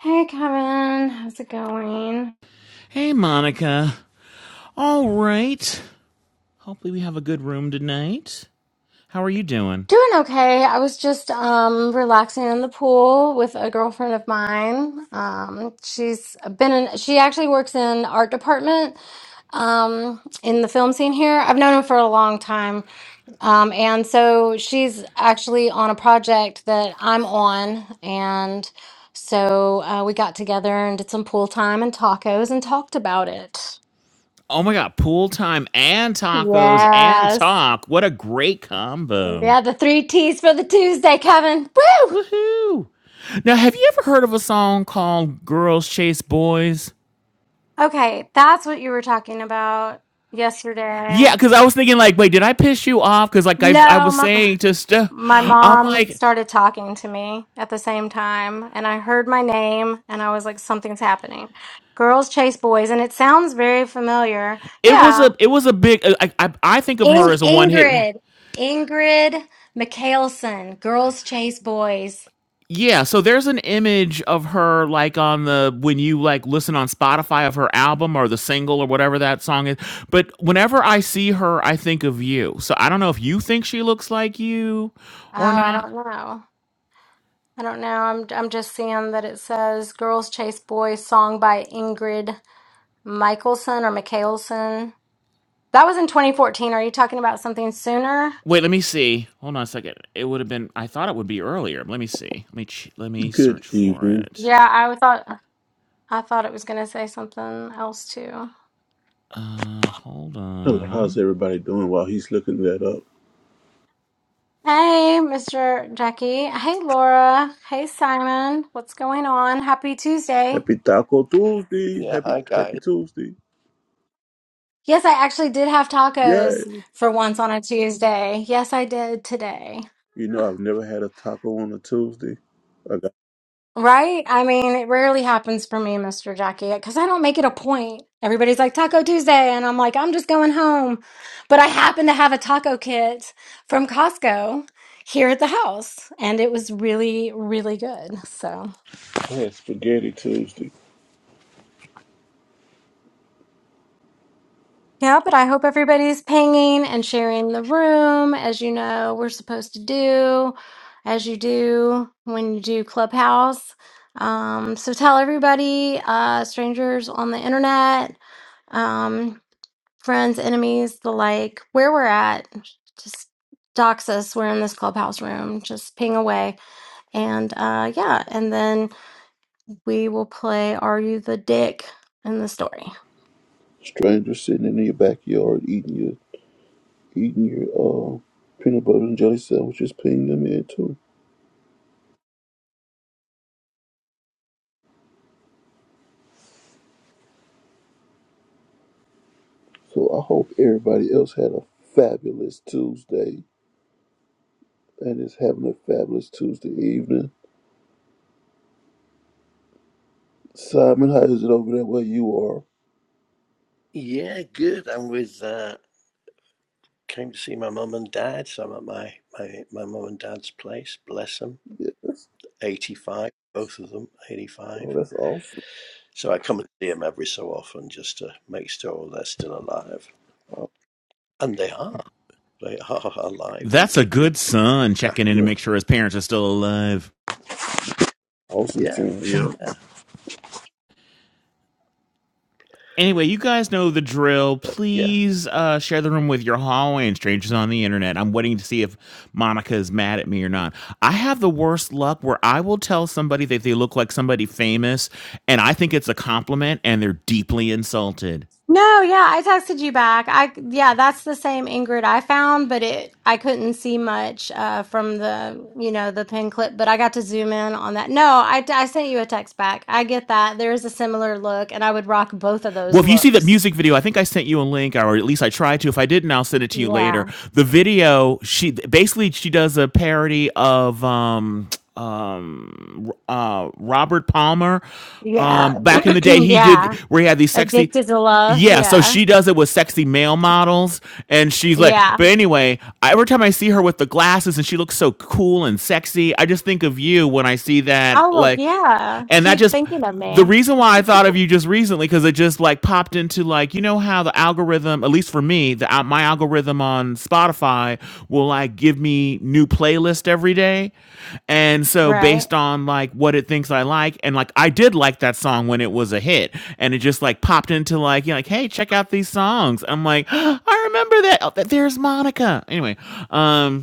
Hey Kevin, how's it going? Hey, Monica. All right. Hopefully, we have a good room tonight. How are you doing? Doing okay. I was just um relaxing in the pool with a girlfriend of mine. Um she's been in she actually works in art department um in the film scene here. I've known her for a long time. Um and so she's actually on a project that I'm on and so uh, we got together and did some pool time and tacos and talked about it. Oh my God, pool time and tacos and Yes. talk. What a great combo. Yeah, the three T's for the Tuesday, Kevin. Woo! Woohoo. Now, have you ever heard of a song called Girls Chase Boys? Okay, that's what you were talking about yesterday. Yeah, because I was thinking, like, wait, did I piss you off? Because, like, I, I No, was my, saying just, uh, my I'm mom like, started talking to me at the same time, and I heard my name, and I was like, something's happening. Girls chase boys, and it sounds very familiar. it was Yeah. a it was a big I, I I think of her In- as a one hit one Ingrid. Ingrid Michaelson. Girls chase boys. Yeah, so there's an image of her like on the when you like listen on Spotify of her album or the single or whatever that song is. But whenever I see her, I think of you. So I don't know if you think she looks like you Oh, or I not. don't know. I don't know. I'm I'm just seeing that it says "Girls Chase Boys" song by Ingrid Michaelson or Michaelson. That was in 2014. Are you talking about something sooner? Wait, let me see. Hold on a second. It would have been I thought it would be earlier. Let me see. Let me ch- let me Good search for evening. it. Yeah, I thought I thought it was gonna say something else too. Uh, Hold Hello, how's on. everybody doing while he's looking that up? Hey, Mr. Jackie. Hey, Laura. Hey, Simon. What's going on? Happy Tuesday. Happy Taco Tuesday. Yeah, Happy hi Happy guys. Tuesday. Yes, I actually did have tacos Yay. for once on a Tuesday. Yes, I did today. You know I've never had a taco on a Tuesday. I got Right? I mean, it rarely happens for me, Mr. Jackie, because I don't make it a point. Everybody's like Taco Tuesday, and I'm like, I'm just going home. But I happen to have a taco kit from Costco here at the house, and it was really, really good. So, I had spaghetti Tuesday. yeah, but I hope everybody's pinging and sharing the room, as you know, we're supposed to do, as you do when you do Clubhouse. Um, so tell everybody, uh, strangers on the internet. Um, friends, enemies, the like, where we're at. Just dox us. We're in this clubhouse room. Just ping away. And uh yeah, and then we will play Are You the Dick in the story. Stranger sitting in your backyard eating your eating your uh peanut butter and jelly sandwiches, ping them in too. So I hope everybody else had a fabulous Tuesday and is having a fabulous Tuesday evening. Simon, how is it over there where you are? Yeah, good. I'm with uh came to see my mum and dad, so I'm at my my my mum and dad's place. Bless them. Yes. 85, both of them, Oh, 85. that's awesome. So I come and see them every so often just to make sure they're still alive. And they are. They are alive and That's a kicking. good son checking in to Yeah, make sure his parents are still alive. awesome Yeah, film. Yeah, yeah. Anyway, you guys know the drill. But yeah. Please uh, share the room with your hallway and strangers on the internet. I'm waiting to see if Monica is mad at me or not. I have the worst luck where I will tell somebody that they look like somebody famous, and I think it's a compliment, and they're deeply insulted. No, yeah, I texted you back. I yeah, that's the same Ingrid I found, but it I couldn't see much uh from the, you know, the pin clip, but I got to zoom in on that. No, I I sent you a text back. I get that. There is a similar look and I would rock both of Well, those if you see that looks. music video, I think I sent you a link, or at least I tried to. If I didn't, I'll send it to you Yeah. later. The video, she basically she does a parody of um um uh Robert Palmer. Yeah. Um, back in the day, he did yeah. where he had these sexy. Addicted to love. Yeah, so Yeah. she does it with sexy male models, and she's like, Yeah. but anyway, every time I see her with the glasses and she looks so cool and sexy, I just think of you when I see that, Oh, well, like yeah. and that Keep just thinking of the me. reason why I thought of you just recently because it just like popped into like you know how the algorithm at least for me the al- my algorithm on Spotify will like give me new playlist every day and so Right. based on like what it thinks I like and like I did like that song when it was a hit and it just like popped into like you know, like hey check out these songs I'm like I remember that oh, th- there's Monica anyway um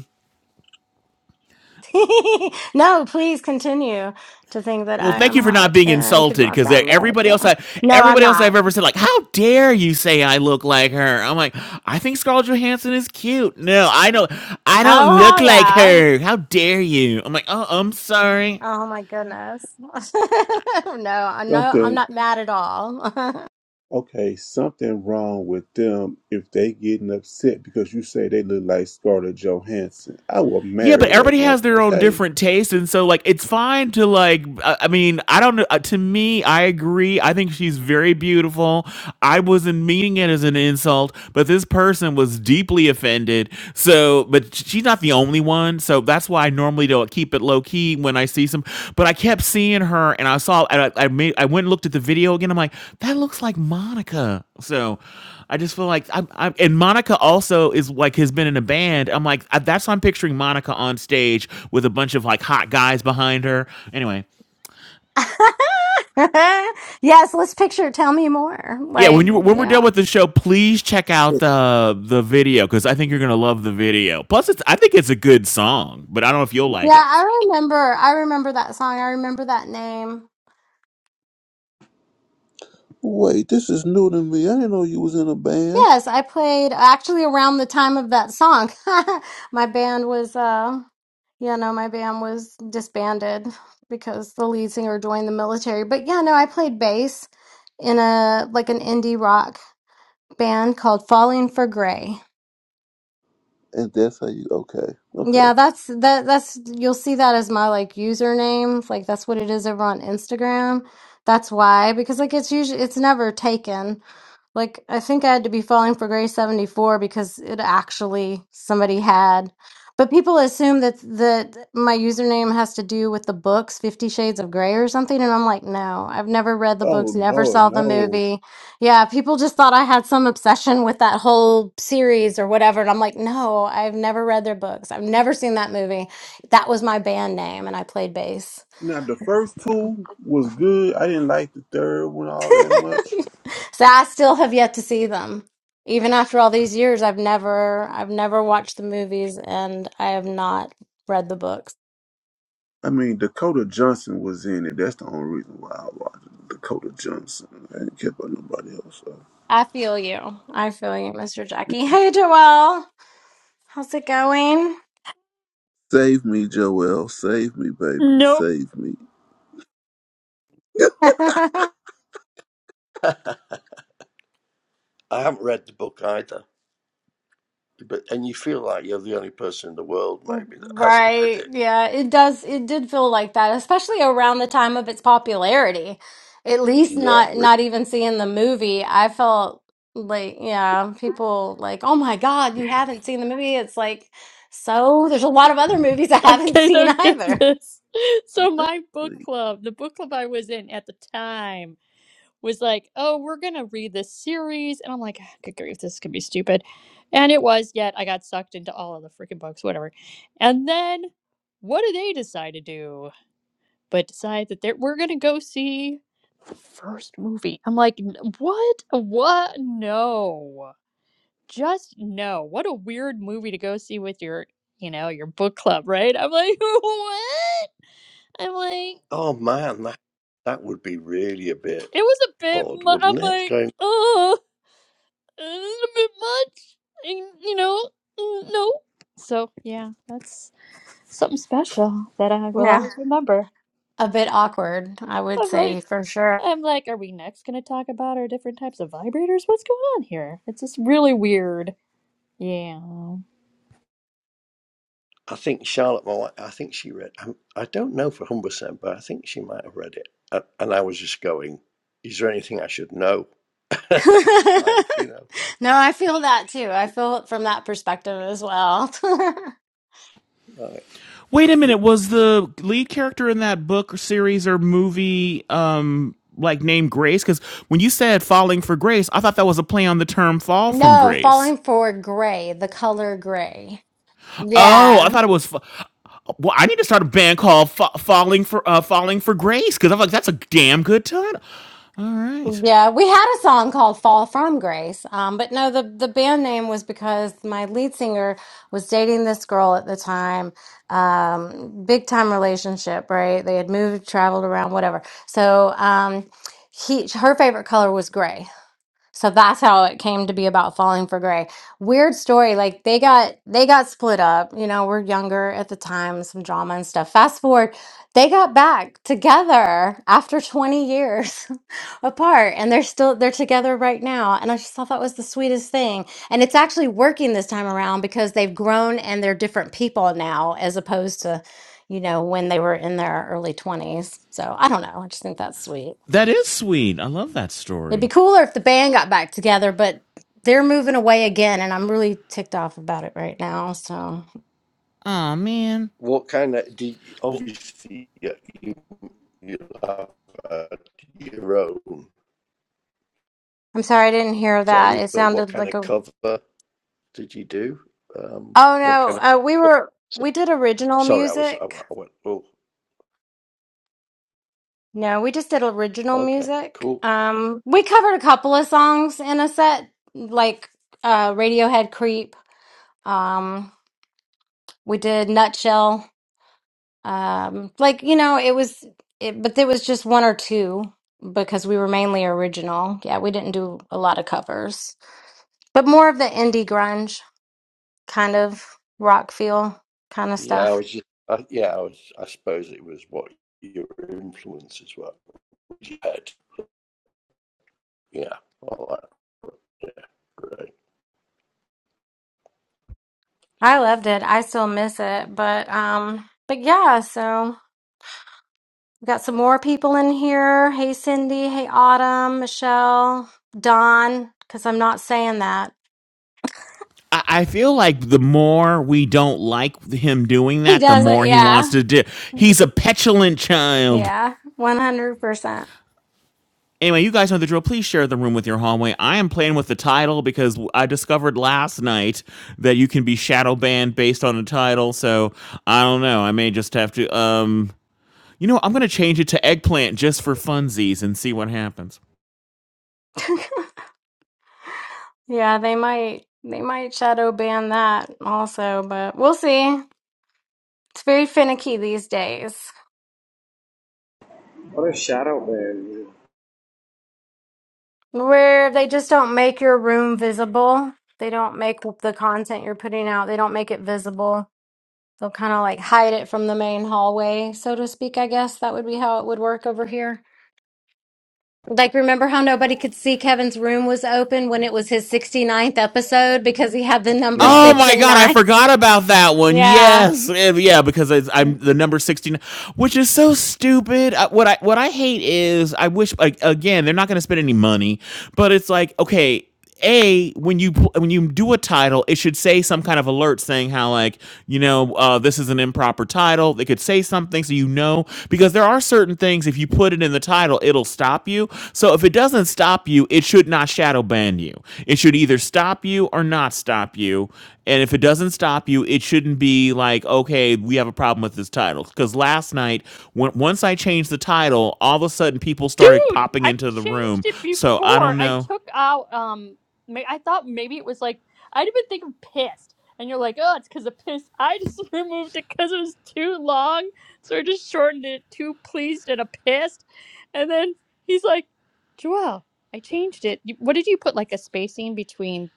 no, please continue to think that Well, I thank am you for not hot being and could insulted rock because that look. everybody else, Yeah. I, No, I'm everybody else I've not. ever said, like, how dare you say I look like her? I'm like, I think Scarlett Johansson is cute. No, I don't, I don't Oh, look hell like yeah. her. How dare you? I'm like, oh, I'm sorry. Oh my goodness. no, I no, I'm something not mad at all. okay, something wrong with them if they getting upset because you say they look like Scarlett Johansson. I will Yeah, but marry that everybody has woman. their own Okay. different tastes, and so like it's fine to like. I I mean, I don't know. uh, To me, I agree. I think she's very beautiful. I wasn't meaning it as an insult, but this person was deeply offended. So, but she's not the only one. So that's why I normally don't keep it low key when I see some. But I kept seeing her, and I saw, and I, I made, I went and looked at the video again. I'm like, that looks like Monica. So. I just feel like I'm, I'm and Monica also is like has been in a band. I'm like I, that's why I'm picturing Monica on stage with a bunch of like hot guys behind her. Anyway, yes, let's picture. Tell me more. yeah, Like, when you when we're done yeah. with the show, please check out the the video because I think you're gonna love the video. Plus, it's I think it's a good song, but I don't know if you'll Yeah, like it. I remember. I remember that song. I remember that name. Wait, this is new to me. I didn't know you was in a band. Yes, I played uh, actually around the time of that song. My band was, uh, you know, my band was disbanded because the lead singer joined the military. But yeah, no, I played bass in a like an indie rock band called Falling for Gray. And that's how you okay, okay. Yeah, that's that that's you'll see that as my like username. Like that's what it is over on Instagram. That's why because like it's usually it's never taken. Like I think I had to be falling for Gray 74 because it actually somebody had. But people assume that that my username has to do with the books 50 Shades of Grey or something and I'm like, "No, I've never read the books, Oh never no, saw the no. movie." Yeah, people just thought I had some obsession with that whole series or whatever. And I'm like, no, I've never read their books. I've never seen that movie. That was my band name, and I played bass. Now the first two was good. I didn't like the third one all that much. So I still have yet to see them. Even after all these years, I've never I've never watched the movies and I have not read the books. I mean Dakota Johnson was in it. That's the only reason why I watched it. Dakota Johnson. I didn't care about nobody else. So. I feel you. I feel you, Mr. Jackie. Hey, Joelle. How's it going? Save me, Joel. Save me, baby. Nope. Save me. Yep. I haven't read the book either. But and you feel like you're the only person in the world maybe that hasn't read Right. it. Yeah, it does. It did feel like that, especially around the time of its popularity. At least Yeah, not really. not even seeing the movie, I felt like, yeah, people like, "Oh my God, you haven't seen the movie." It's like, so there's a lot of other movies I haven't Okay, seen don't get either. this. So my book Exactly. club, the book club I was in at the time, was like, "Oh, we're gonna read this series," and I'm like, "Ah, "Good grief, this could be stupid," and it was. Yet I got sucked into all of the freaking books, whatever. And then, what do they decide to do? But decide that they're, we're gonna go see the first movie. I'm like, "N- "What? What? No." Just no. What a weird movie to go see with your, you know, your book club, right? I'm like, what? I'm like, Oh man, that that would be really a bit. it was a bit. odd, Mu- I'm wouldn't it? like, Going, oh, a bit much. And, you know, mm, no. So yeah, that's something special that I will Yeah. always remember. A bit awkward, I would I'm like, say for sure. I'm like, are we next going to talk about our different types of vibrators? What's going on here? It's just really weird. Yeah. I think Charlotte, my wife, I think she read. I, I don't know for hundred percent, but I think she might have read it. And, and I was just going, is there anything I should know? like, you know, No, I feel that too. I feel it from that perspective as well. like, Wait a you- minute, was the lead character in that book or series or movie um like named Grace? Because when you said falling for Grace, I thought that was a play on the term fall from No, grace. falling for gray, the color gray. Oh, I Yeah. thought it was. Fa- well, I need to start a band called Fa- "Falling for uh, Falling for Grace" because I'm like, that's a damn good title. All right, Yeah. We had a song called Fall from Grace. Um, but no, the, the band name was because my lead singer was dating this girl at the time. Um, big time relationship, right? They had moved, traveled around, whatever. So, um, he, her favorite color was gray. So that's how it came to be about Falling for Gray. Weird story. Like they got they got split up. You know, we're younger at the time, some drama and stuff. Fast forward, they got back together after 20 years apart and they're still they're together right now. And I just thought that was the sweetest thing. And it's actually working this time around because they've grown and they're different people now as opposed to, you know, when they were in their early 20s. So I don't know. I just think that's sweet. that is sweet. I love that It'd be story. cooler if the band got back together, but they're moving away again, and I'm really ticked off about it right now. So Oh man. what kind of? Do you, Well, obviously you, you you have uh, your own I'm sorry I didn't hear that. songs, It but what sounded kind like of a. cover did you do? Um, Oh what kind no, uh, we of? were so- we did original Sorry, I was. I, music. I went. Oh, No, we just did original okay, music. cool. Um, we covered a couple of songs in a set, like uh, Radiohead "Creep." Um, we did "Nutshell." Um, like, you know, it was, it, but there was just one or two because we were mainly original. Yeah, we didn't do a lot of covers, but more of the indie grunge kind of rock feel kind of Yeah, I stuff. was just, I, yeah, I was, I suppose it was what your influences were, what you had. Yeah, all that. Yeah, great. I loved it. I still miss it, but um, but yeah, so we got some more people in here. Hey, Cindy. Hey, Autumn, Michelle, Don, because I'm not saying that. I, I feel like the more we don't like him doing He that, the does it. more he wants Yeah. to do. He's a petulant child. Yeah. 100%. Anyway, you guys know the drill. Please share the room with your hallway. I am playing with the title because I discovered last night that you can be shadow banned based on a title. So I don't know. I may just have to. Um, you know, I'm gonna change it to eggplant just for funsies and see what happens. Yeah, they might they might shadow ban that also, but we'll see. It's very finicky these days What a shadow band. where they just don't make your room visible. They don't make the content you're putting out, they don't make it visible. They'll kind of like hide it from the main hallway, so to speak, I guess that would be how it would work over here. Like, remember how nobody could see Kevin's room was open when it was his sixty ninth episode because he had the number Oh six Mm-hmm. my and god, I nine? forgot about that one. Yeah, Yes, eh, yeah, because it's, I'm the number sixteen, which is so stupid. Uh, What I what I hate is I wish like again they're not going to spend any money, but it's like okay. A when you when you do a title, it should say some kind of alert saying how like you know uh, this is an improper title. They could say something so you know know because there are certain things if you put it in the title it'll stop you so if it doesn't stop you it should not shadow ban you it should either stop you or not stop you and if it doesn't stop you it shouldn't be like okay we have a problem with this title because last night when, once i changed the title all of a sudden people started Dude, popping I into the room changed it so i before. don't I know took out um ma- I thought maybe it was like I'd have been thinking pissed. And you're like, "Oh, it's cuz of pissed." I just removed it cuz it was too long. So I just shortened it to pleased and a pissed. And then he's like, "Joel, I changed it. You- What did you put like a spacing between?"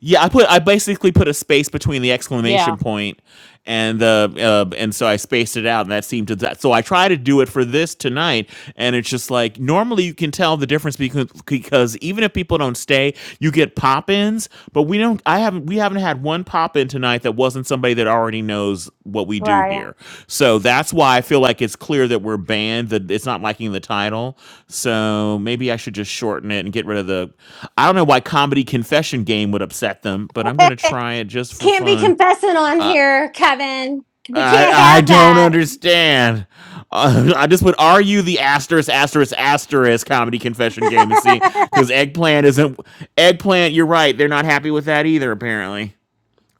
Yeah, I put I basically put a space between the exclamation Yeah. point and the uh, and so I spaced it out and that seemed to that. So I try to do it for this tonight and it's just like normally you can tell the difference because because even if people don't stay, you get pop-ins, but we don't I haven't we haven't had had one pop in tonight that wasn't somebody that already knows what we do right. here. So that's why I feel like it's clear that we're banned. That it's not liking the title. So maybe I should just shorten it and get rid of the. I don't know why comedy confession game would upset them, but I'm gonna try it just for Can't be fun. confessing on here, Kevin. We I can't I have don't that. understand. Uh, I just would argue the asterisk asterisk asterisk comedy confession game and see because eggplant isn't eggplant. You're right. They're not happy with that either. Apparently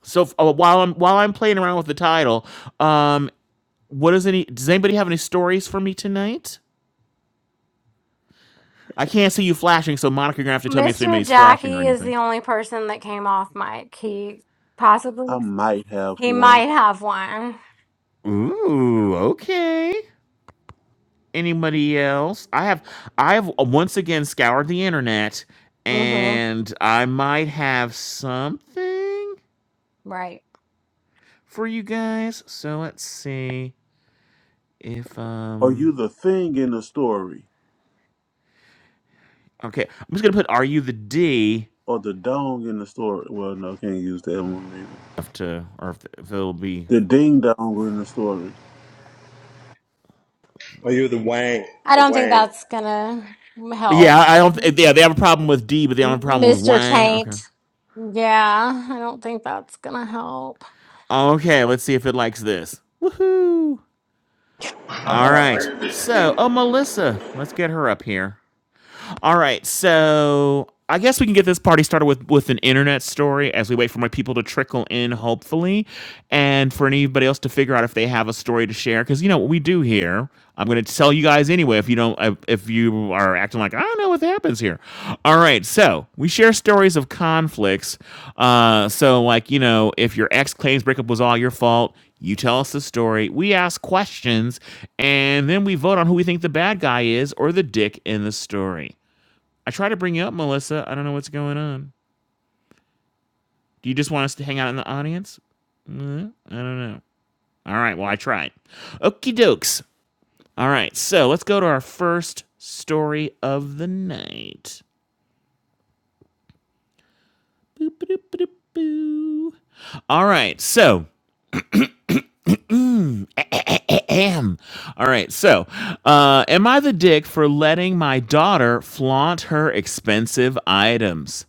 so uh, while I'm while I'm playing around with the title, um, what does any does anybody have any stories for me tonight? I can't see you flashing, so Monica, you're gonna have to tell me if Mr. somebody's flashing or Jackie is anything. the only person that came off mic. He possibly I might have he one. might have one. Ooh, okay. Anybody else? I have I have uh, once again scoured the internet, hmm and I might have something Right. for you guys. So let's see if Are you um the thing in the story? okay. I'm just gonna put "Are you the D?" Or the dong in the story? Well, no, can't use that one either. Have to or if, if it'll be The ding dong in the story. Are you the Wang? I The don't think Wang. that's gonna Yeah, help, I don't. Yeah, they have a problem with D, but they don't have a problem with Mr. Wang. Okay. Taint. Yeah, I don't think that's gonna help. Okay, let's see if it likes this. Woohoo! All Uh, right. So, oh, it Melissa, let's get her up here. All right, so I guess we can get this party started with with an internet story as we wait for more people to trickle in, hopefully, and for anybody else to figure out if they have a story to share. Because you know what we do here. I'm going to tell you guys anyway. If you don't, if if you are acting like I don't know what happens here. All right, so we share stories of conflicts. Uh, so like you know, if your ex claims breakup was all your fault, you tell us the story, we ask questions, and then we vote on who we think the bad guy is or the dick in the story. I try to bring you up, Melissa. I don't know what's going on. Do you just want us to hang out in the audience? Mm, I don't know. All right, well, I tried. Okie dokes. All right, so let's go to our first story of the night. Boop, boop, boop, boop. All right, so Am All right. So, uh, am I the dick for letting my daughter flaunt her expensive items?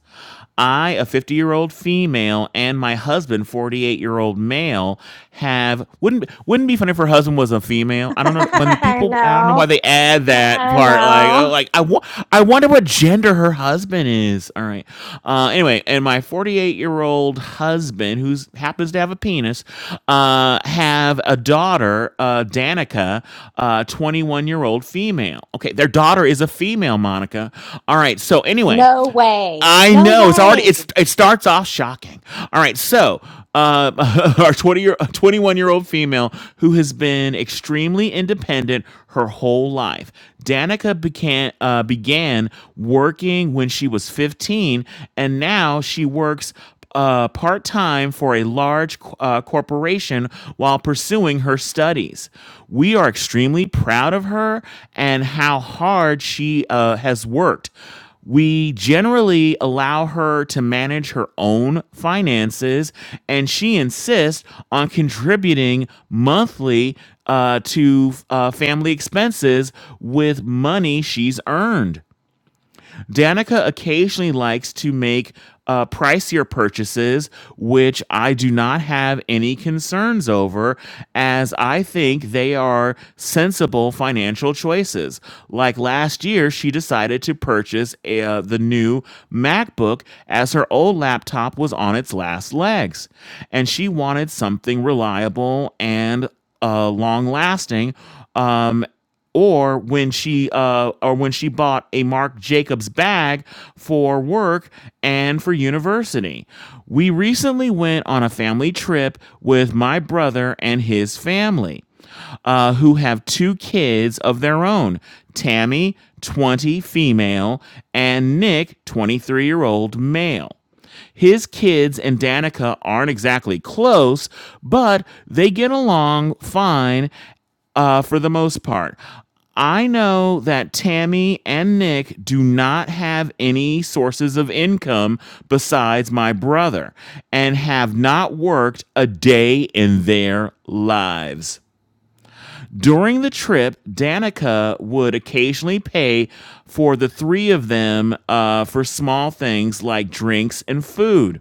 I, a 50 year old female, and my husband, 48 year old male, have wouldn't wouldn't be funny if her husband was a female. I don't know when the I people. I don't know why know. they add that I part. Like, oh, know. like I wa- I wonder what gender her husband is. All right. Uh, anyway, and my 48 year old husband, who happens to have a penis, uh, have a daughter, uh, Danica, uh, 21 year old female. Okay, their daughter is a female, Monica. All right. So anyway. No way. I No know it's already way. it's it starts off shocking. All right, so um, our twenty year twenty one year old female who has been extremely independent her whole life. Danica began uh, began working when she was fifteen, and now she works uh, part time for a large uh, corporation while pursuing her studies. We are extremely proud of her and how hard she uh, has worked we generally allow her to manage her own finances, and she insists on contributing monthly uh, to uh, family expenses with money she's earned. Danica occasionally likes to make uh, pricier purchases, which I do not have any concerns over, as I think they are sensible financial choices. Like last year, she decided to purchase uh, the new MacBook as her old laptop was on its last legs, and she wanted something reliable and uh, long lasting. Um, or when she uh, or when she bought a Marc Jacobs bag for work and for university. We recently went on a family trip with my brother and his family, uh, who have two kids of their own. Tammy, 20, female, and Nick, 23 year old male. His kids and Danica aren't exactly close, but they get along fine uh, for the most part. I know that Tammy and Nick do not have any sources of income besides my brother and have not worked a day in their lives. During the trip, Danica would occasionally pay for the three of them uh, for small things like drinks and food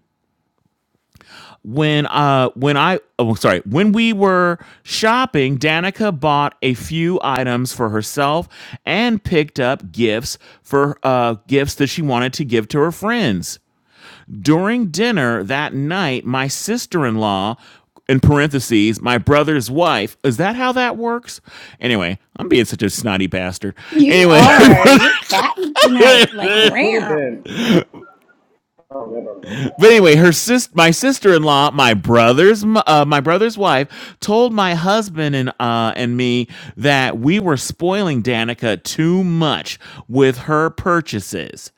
when uh when I oh sorry when we were shopping, Danica bought a few items for herself and picked up gifts for uh gifts that she wanted to give to her friends. During dinner that night, my sister-in-law in parentheses, my brother's wife. Is that how that works? Anyway, I'm being such a snotty bastard. You Anyway, are. You're batting tonight, like could have rare. been. Oh, I don't know. But anyway, her sister, my sister-in-law, my brother's, uh, my brother's wife, told my husband and uh, and me that we were spoiling Danica too much with her purchases.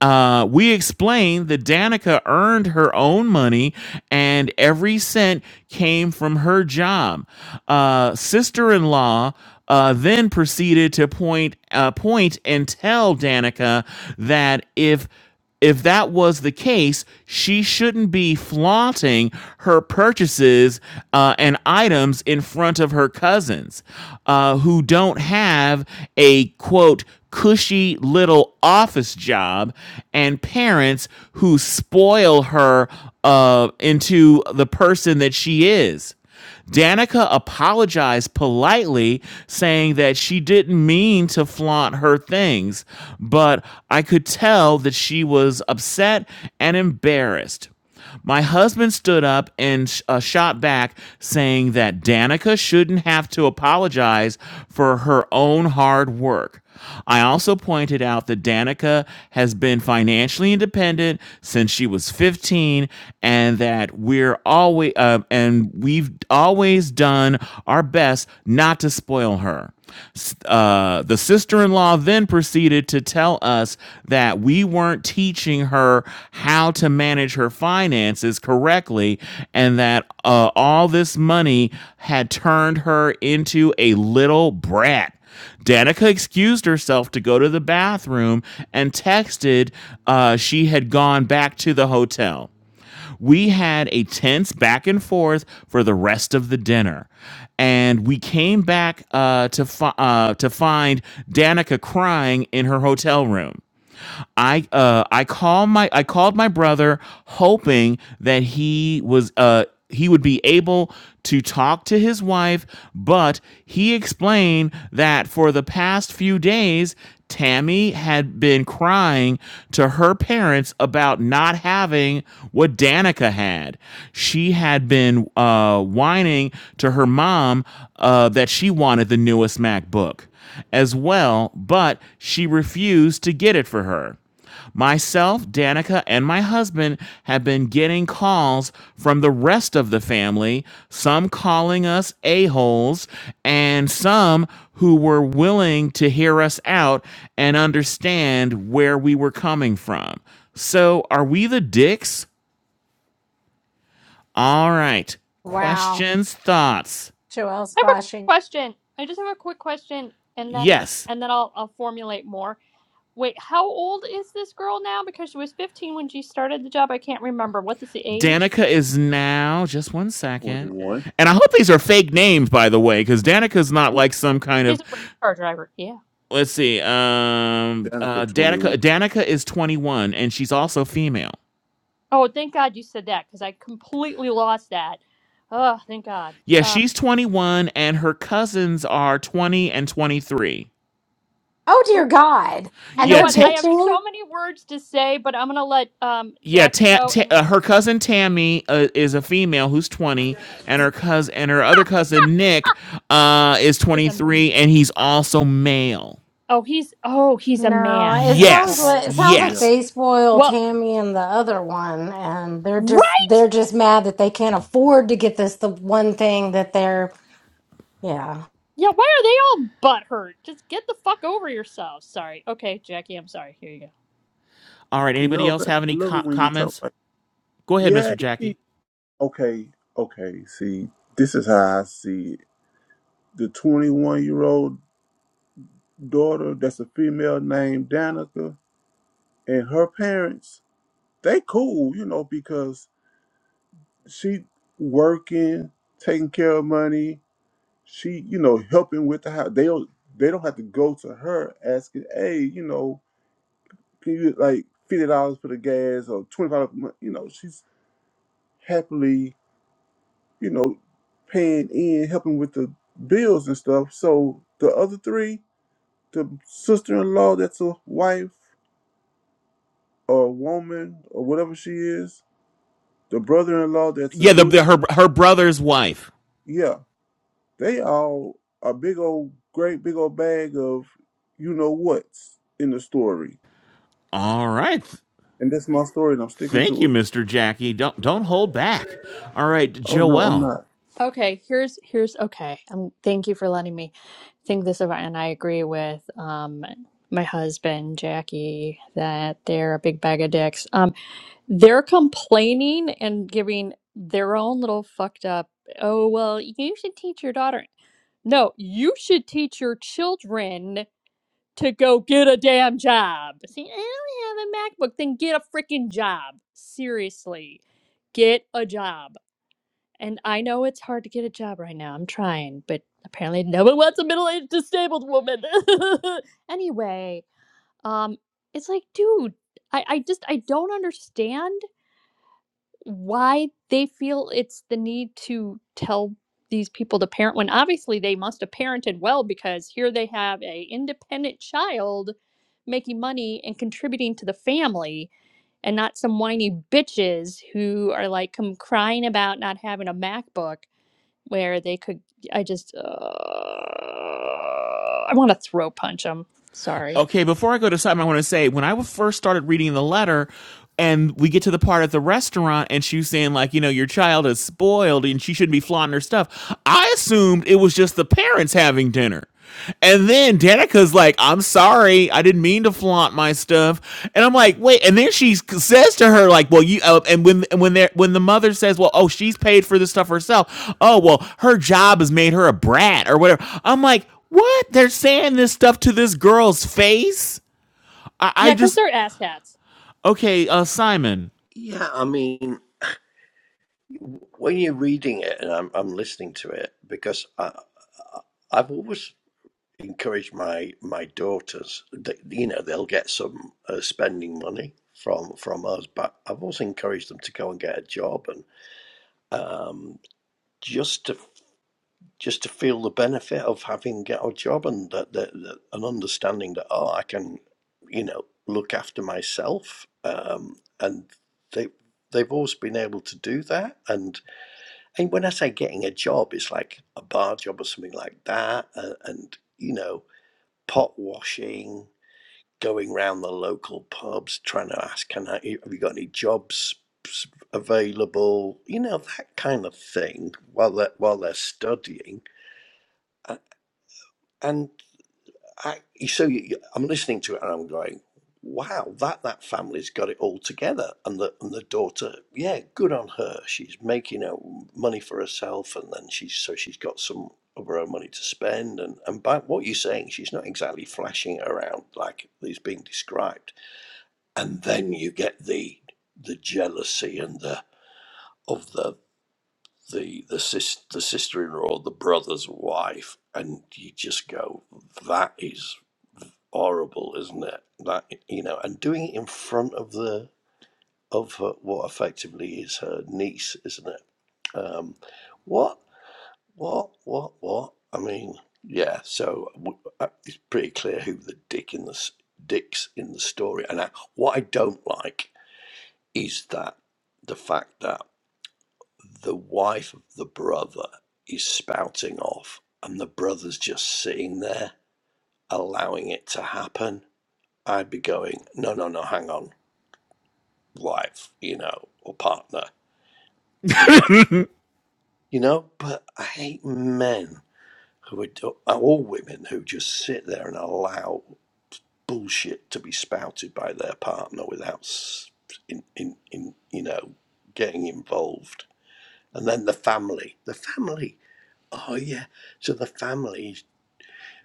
Uh, we explained that Danica earned her own money and every cent came from her job. Uh, Sister in law uh, then proceeded to point, uh, point and tell Danica that if if that was the case, she shouldn't be flaunting her purchases uh, and items in front of her cousins uh, who don't have a quote cushy little office job and parents who spoil her uh, into the person that she is. Danica apologized politely, saying that she didn't mean to flaunt her things, but I could tell that she was upset and embarrassed. My husband stood up and sh- uh, shot back, saying that Danica shouldn't have to apologize for her own hard work. I also pointed out that Danica has been financially independent since she was 15, and that we're always uh, and we've always done our best not to spoil her. S- Uh, the sister-in-law then proceeded to tell us that we weren't teaching her how to manage her finances correctly, and that uh, all this money had turned her into a little brat. Danica excused herself to go to the bathroom and texted uh, she had gone back to the hotel. We had a tense back and forth for the rest of the dinner, and we came back uh, to fi- uh, to find Danica crying in her hotel room. I uh I call my I called my brother hoping that he was uh he would be able to talk to his wife, but he explained that for the past few days Tammy had been crying to her parents about not having what Danica had. She had been uh, whining to her mom uh, that she wanted the newest MacBook as well, but she refused to get it for her. Myself, Danica, and my husband have been getting calls from the rest of the family, some calling us a-holes, and some who were willing to hear us out and understand where we were coming from. So, are we the dicks? All right. Wow. Questions, thoughts? Joelle's I have a quick flashing. question. I just have a quick question and then Yes. and then I'll I'll formulate more. Wait, how old is this girl now? Because she was 15 when she started the job. I can't remember. What is the age? Danica is now just one second. 21. And I hope these are fake names, by the way, because Danica's not Oh, like some kind She's of a race car driver. Yeah. let's see, um uh Danica 21. Danica Danica is 21 and she's also female. Oh, thank God you said that because I completely lost that. Oh, thank God. Yeah, Um, she's 21 and her cousins are 20 and 23. Oh dear ooh, God. you And know Yeah, they're what? ta- I have bitching. so many words to say, but I'm gonna let um yeah, Jackie ta- go, ta- and uh, that her yeah cousin Tammy uh, is a female who's 20 and her cousin and her other cousin Nick uh is is a 23 and he's also male. oh he's oh he's a No, man. it sounds Yes, Okay. like it sounds like Yeah. yes. they spoiled Well, Tammy and the other one, and they're just they're right? just mad that they can't afford to get this the one thing that they're yeah. Yeah. Why are they all butthurt? Just get the fuck over yourself. Sorry. Okay, Jackie. I'm sorry. Here you go. All right. Anybody No, else baby, have I any love co- it when you talk comments? like, Go ahead, Mr. yeah, Jackie. see, okay, okay, see, this is how I see it. The 21 year old daughter that's a female named Danica and her parents they cool, you know, because she working, taking care of money, she, you know, helping with the house. They don't they don't have to go to her asking, hey, you know, can you like fifty dollars for the gas or twenty five you know, she's happily, you know, paying in, helping with the bills and stuff. So the other three, the sister in law that's a wife or a woman or whatever she is, the brother in law that's a Yeah, the, dude, the her her brother's wife. yeah They all a big old great big old bag of you know what's in the story. All right. And that's my story and I'm sticking Thank to you, it. Mr. Jackie. Don't don't hold back. All right, Oh no, I'm Joelle. not. Okay, here's here's okay. Um, thank you for letting me think this over, and I agree with um my husband Jackie that they're a big bag of dicks. Um, they're complaining and giving their own little fucked up. Oh well, you should teach your daughter. No, you should teach your children to go get a damn job. See, I don't have a MacBook. Then get a freaking job. Seriously, get a job. And I know it's hard to get a job right now. I'm trying, but apparently no one wants a middle-aged disabled woman. anyway, um, it's like, dude, I, I just I don't understand why they feel it's the need to tell these people to parent when obviously they must have parented well because here they have a independent child making money and contributing to the family and not some whiny bitches who are like come crying about not having a MacBook where they could i just uh, i want to throw punch them sorry Okay, before I go to something, I want to say when I first started reading the letter, and we get to the part at the restaurant, and she was saying like, you know, your child is spoiled, and she shouldn't be flaunting her stuff. I assumed it was just the parents having dinner. And then Danica's like, I'm sorry, I didn't mean to flaunt my stuff. And I'm like, wait. And then she says to her, like, well, you. Uh, and when and when they when the mother says, well, oh, she's paid for this stuff herself. Oh, well, her job has made her a brat or whatever. I'm like, what? They're saying this stuff to this girl's face? I, I yeah because just they're asshats okay, uh Simon. Yeah, I mean, when you're reading it and I'm, I'm listening to it, because I, I, I've always encouraged my, my daughters that, you know, they'll get some uh, spending money from, from us, but I've also encouraged them to go and get a job and, um, just to. just to feel the benefit of having get a job and that, that, that an understanding that oh I can you know look after myself um, and they they've always been able to do that and and when I say getting a job it's like a bar job or something like that and, and you know pot washing going round the local pubs trying to ask can I have you got any jobs available you know that kind of thing while they while they're studying and I, so you, I'm listening to it and I'm going, wow, that that family's got it all together. And the and the daughter, yeah, good on her. She's making out money for herself, and then she's so she's got some of her own money to spend. And and by what you're saying, she's not exactly flashing it around like is being described. And then you get the the jealousy and the of the the the sis, the sister-in-law, the brother's wife, and you just go, that is horrible, isn't it? That you know, and doing it in front of the of her, what effectively is her niece, isn't it? Um, what, what, what, what? I mean, yeah. So w- uh, it's pretty clear who the dick in the s- dicks in the story. And I, what I don't like is that the fact that the wife of the brother is spouting off and the brother's just sitting there allowing it to happen, I'd be going, no, no, no, hang on, wife, you know, or partner, you know, you know. But I hate men who are, all women who just sit there and allow bullshit to be spouted by their partner without, s- in, in, in you know, getting involved. And then the family, the family, oh yeah, so the family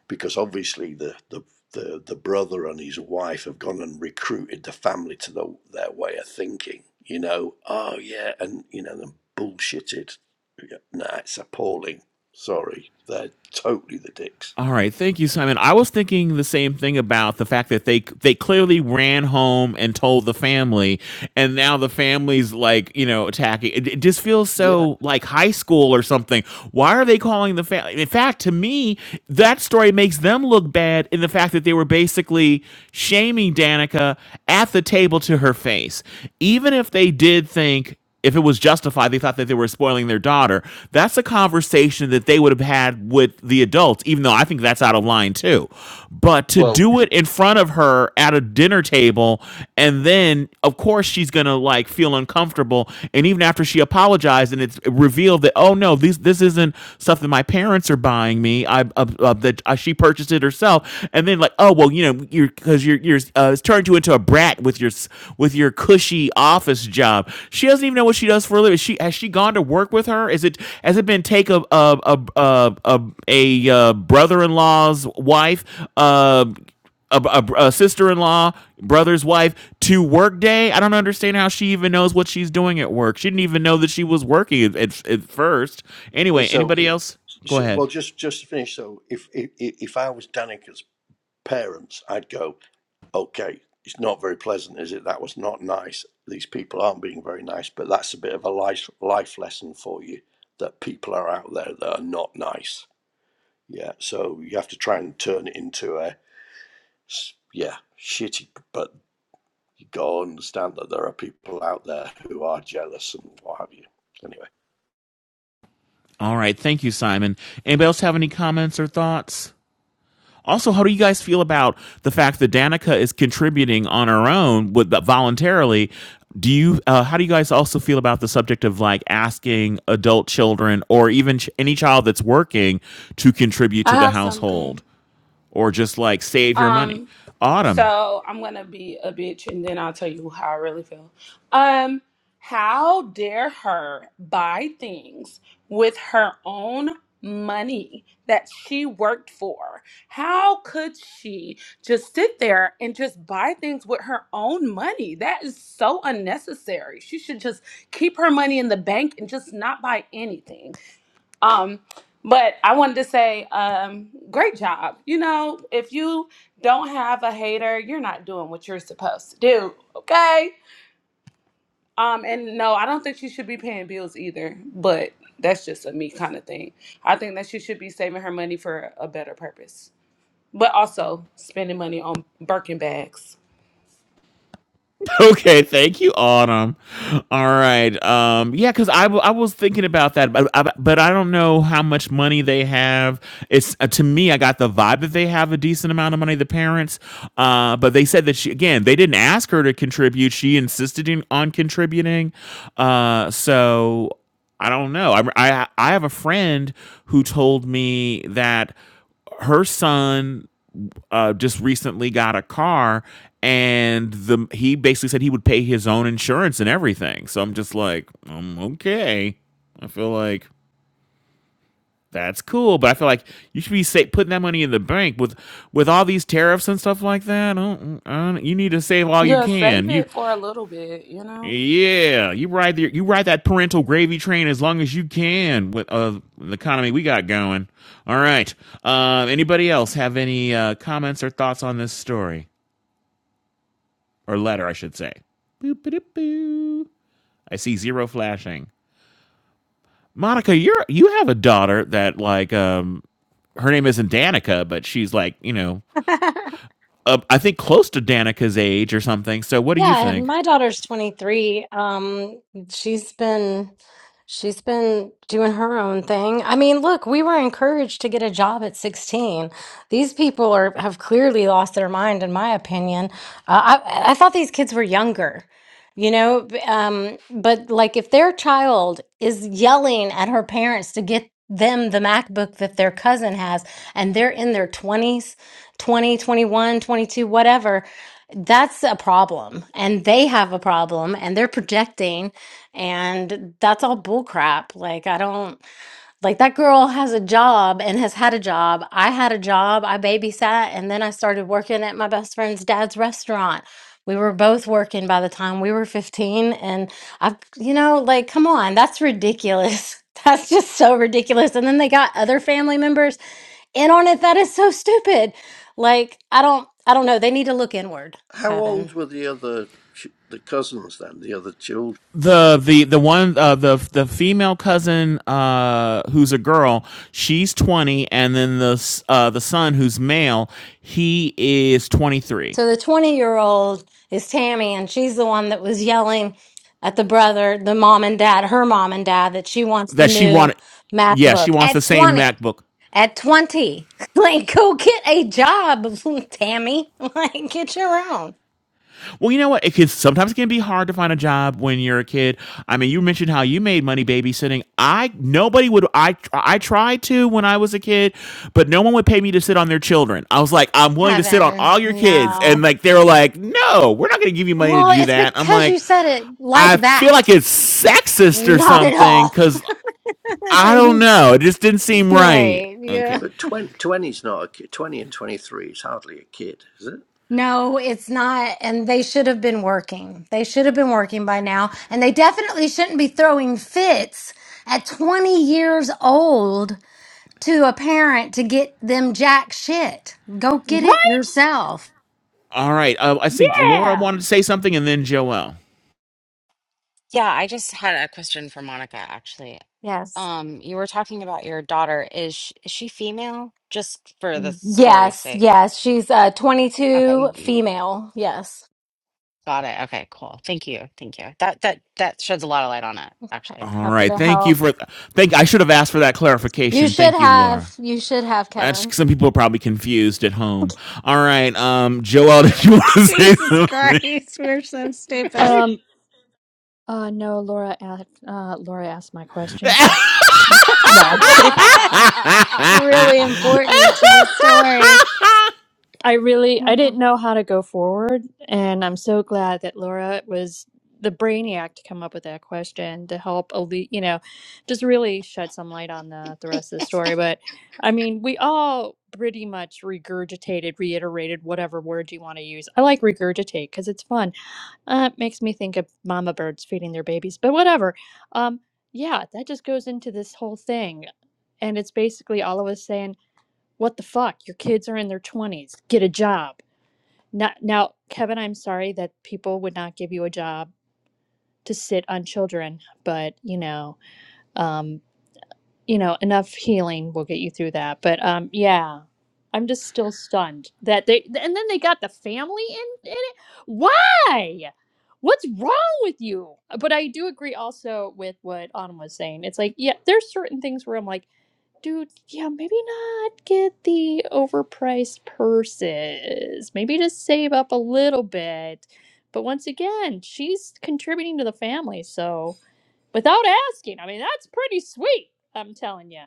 because obviously the the the, the brother and his wife have gone and recruited the family to the, their way of thinking. You know, oh yeah, and you know them bullshitted. Yeah, Nah, it's appalling. Sorry, they're totally the dicks. All right, thank you, Simon. I was thinking the same thing about the fact that they they clearly ran home and told the family, and now the family's like you know attacking. It, it just feels Yeah. so like high school or something. Why are they calling the family? In fact, to me, that story makes them look bad in the fact that they were basically shaming Danica at the table to her face, even if they did think if it was justified, they thought that they were spoiling their daughter. That's a conversation that they would have had with the adults, even though I think that's out of line too. But to Well, do it in front of her at a dinner table, and then of course she's gonna like feel uncomfortable. And even after she apologized, and it's revealed that oh no, this this isn't stuff that my parents are buying me. I uh, uh, that uh, she purchased it herself, and then like oh well, you know you're because you're your uh, turned you into a brat with your with your cushy office job. She doesn't even know what she does for a living. She has she gone to work with her? Is it has it been take a a a a, a, a uh, brother in law's wife? Uh, a, a, a sister-in-law, brother's wife to work day. I don't understand how she even knows what she's doing at work. She didn't even know that she was working at, at first. you- Anyway, so, anybody else? Go so well, ahead. just just to finish. So, if if if I was Danica's parents, I'd go. okay, it's not very pleasant, is it? That was not nice. These people aren't being very nice, but that's a bit of a life life lesson for you that people are out there that are not nice. Yeah, so you have to try and turn it into a yeah shitty, but you gotta understand that there are people out there who are jealous and what have you. Anyway, All right. Thank you, Simon. Anybody else have any comments or thoughts? Also, how do you guys feel about the fact that Danica is contributing on her own with uh, voluntarily? Do you uh, how do you guys also feel about the subject of like asking adult children or even ch- any child that's working to contribute I to the have something. household or just like save your money? Um, Autumn, so I'm gonna be a bitch and then I'll tell you how I really feel. Um, how dare her buy things with her own money that she worked for? How could she just sit there and just buy things with her own money? That is so unnecessary. She should just keep her money in the bank and just not buy anything. Um, but I wanted to say, um, great job. You know, if you don't have a hater, you're not doing what you're supposed to do. Okay. Um, and no, I don't think she should be paying bills either, but that's just a me kind of thing. I think that she should be saving her money for a better purpose, but also spending money on Birkin bags. Okay, thank you, Autumn. All right. Um, yeah, because I, w- I was thinking about that, but I, but I don't know how much money they have. It's uh, to me, I got the vibe that they have a decent amount of money, the parents. Uh, but they said that she again, they didn't ask her to contribute. She insisted in, on contributing. Uh, so I don't know. I, I I have a friend who told me that her son uh, just recently got a car, and the he basically said he would pay his own insurance and everything. So I'm just like, um, okay. I feel like that's cool, but I feel like you should be sa- putting that money in the bank with with all these tariffs and stuff like that. I don't- I don't- you need to save all you Yeah, save can. You, it for a little bit, you know. yeah, you ride the, you ride that parental gravy train as long as you can with uh, the economy we got going. All right. Uh, anybody else have any uh, comments or thoughts on this story? or letter, I should say. Boop, boop, boop. I see zero flashing. Monica, you're you have a daughter that like um her name isn't Danica, but she's like you know uh, I think close to Danica's age or something. So what do you Yeah, think? my daughter's 23. Um, she's been she's been doing her own thing. I mean, look, we were encouraged to get a job at 16. These people are have clearly lost their mind, in my opinion. Uh, I I thought these kids were younger you know b- um but like if their child is yelling at her parents to get them the macbook that their cousin has and they're in their 20s one, 22, whatever that's a problem and they have a problem and they're projecting and that's all bull crap like i don't like that girl has a job and has had a job. I had a job. I babysat and then I started working at my best friend's dad's restaurant. We were both working by the time we were 15 and I you know, like come on, that's ridiculous. That's just so ridiculous. And then they got other family members in on it. That is so stupid. Like I don't I don't know. They need to look inward, how Kevin. old were the other the cousins then? The other children? The the the one uh, the the female cousin uh, who's a girl, she's twenty, and then the uh, the son who's male, he is twenty three. So the 20 year old is Tammy, and she's the one that was yelling at the brother, the mom and dad, her mom and dad, that she wants the That she new wanted, math yeah, she book wants the at same 20. MacBook. At 20. Like, go get a job, Tammy. Like, get your own. Well, you know what? It can, sometimes it can be hard to find a job when you're a kid. I mean, you mentioned how you made money babysitting. I nobody would. I tr- I tried to when I was a kid, but no one would pay me to sit on their children. I was like, I'm willing to sit on Heaven, all your kids, and no. like they were like, No, we're not going to give you money to Well, do it's that. I'm because like, you said it I like feel like that. it's sexist or Not at something all. because I right. don't know. It just didn't seem right. Okay. Yeah. But twenty is not a kid. Twenty and twenty three is hardly a kid, is it? No, it's not. And they should have been working. They should have been working by now. And they definitely shouldn't be throwing fits at 20 years old to a parent to get them jack shit. Go get it yourself. All right. Uh, I think Laura wanted to say something, and then Joelle. Yeah, I just had a question for Monica, actually. Yes. Um, you were talking about your daughter. Is she, is she female? Just for the story's Yes, sake. yes. She's uh Okay, 22, you- female. Yes. got it. Okay, cool. Thank you. Thank you. That that that sheds a lot of light on it, Okay. actually. All Happy right. to Thank you help. for thank I should have asked for that You clarification. should Thank you, have Laura. you should have That's Kevin. some people are probably confused at home. All right. Um Joel, did you want Jesus to say Christ, we're so stupid. um uh no laura a- uh laura asked my question thanks no i'm kidding It's really important to the story. something? I really I didn't Because know how to go forward, and I'm so glad that Laura was the brainiac to come up with that question to help elite, you know, just really shed some light on the the rest of the story. But I mean, we all pretty much regurgitated, reiterated whatever word you want to use. I like regurgitate because it's fun. Uh, it makes me think of mama birds feeding their babies, but whatever. Um, yeah, that just goes into this whole thing, and it's basically all of us saying what the fuck your kids are in their 20s get a job now, now kevin i'm sorry that people would not give you a job to sit on children but you know um you know enough healing will get you through that but um yeah i'm just still stunned that they and then they got the family in, in it why what's wrong with you but i do agree also with what autumn was saying it's like yeah there's certain things where i'm like Dude, yeah, maybe not get the overpriced purses. Maybe just save up a little bit. But once again, she's contributing to the family, so without asking, I mean, that's pretty sweet, I'm telling you.